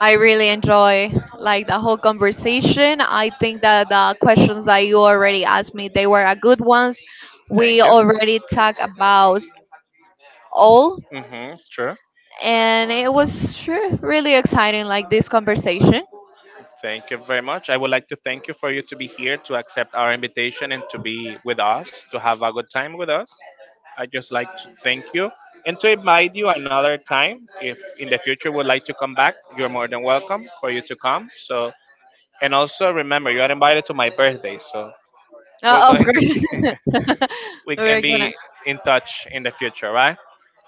Speaker 2: I really enjoy like the whole conversation. I think that the questions that you already asked me, they were a good ones. We
Speaker 1: Thank you.
Speaker 2: already talked about all,
Speaker 1: Mm-hmm, it's true.
Speaker 2: and it was really exciting, like this conversation.
Speaker 1: Thank you very much. I would like to thank you for you to be here to accept our invitation and to be with us, to have a good time with us. I just like to thank you and to invite you another time. If in the future would like to come back, you're more than welcome for you to come. So and also remember you are invited to my birthday. So we're
Speaker 2: Of
Speaker 1: going to see
Speaker 2: course.
Speaker 1: we can
Speaker 2: We're
Speaker 1: be
Speaker 2: gonna.
Speaker 1: in touch in the future, right?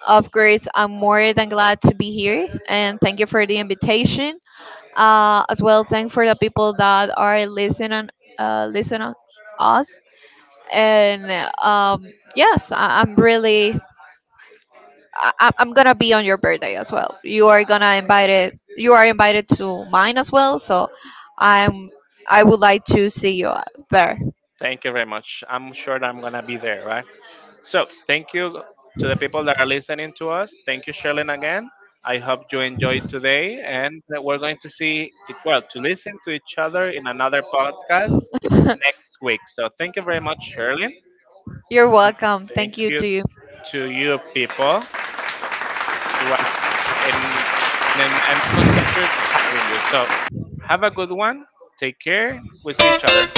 Speaker 2: Of course. I'm more than glad to be here, and thank you for the invitation. As well, thank for the people that are listening, listen on us and yes, I'm really I'm gonna be on your birthday as well. You are gonna invited. You are invited to mine as well. So I'm I would like to see you there.
Speaker 1: Thank you very much. I'm sure that I'm gonna be there, right? So, thank you to the people that are listening to us. Thank you, Sherlyn, again. I hope you enjoyed today, and that we're going to see it well to listen to each other in another podcast next week. So, thank you very much, Sherlyn.
Speaker 2: You're welcome.
Speaker 1: Thank
Speaker 2: Thank you
Speaker 1: you
Speaker 2: to you.
Speaker 1: to you, people. It was an, an enormous pleasure having you. So, have a good one. Take care. We see each other.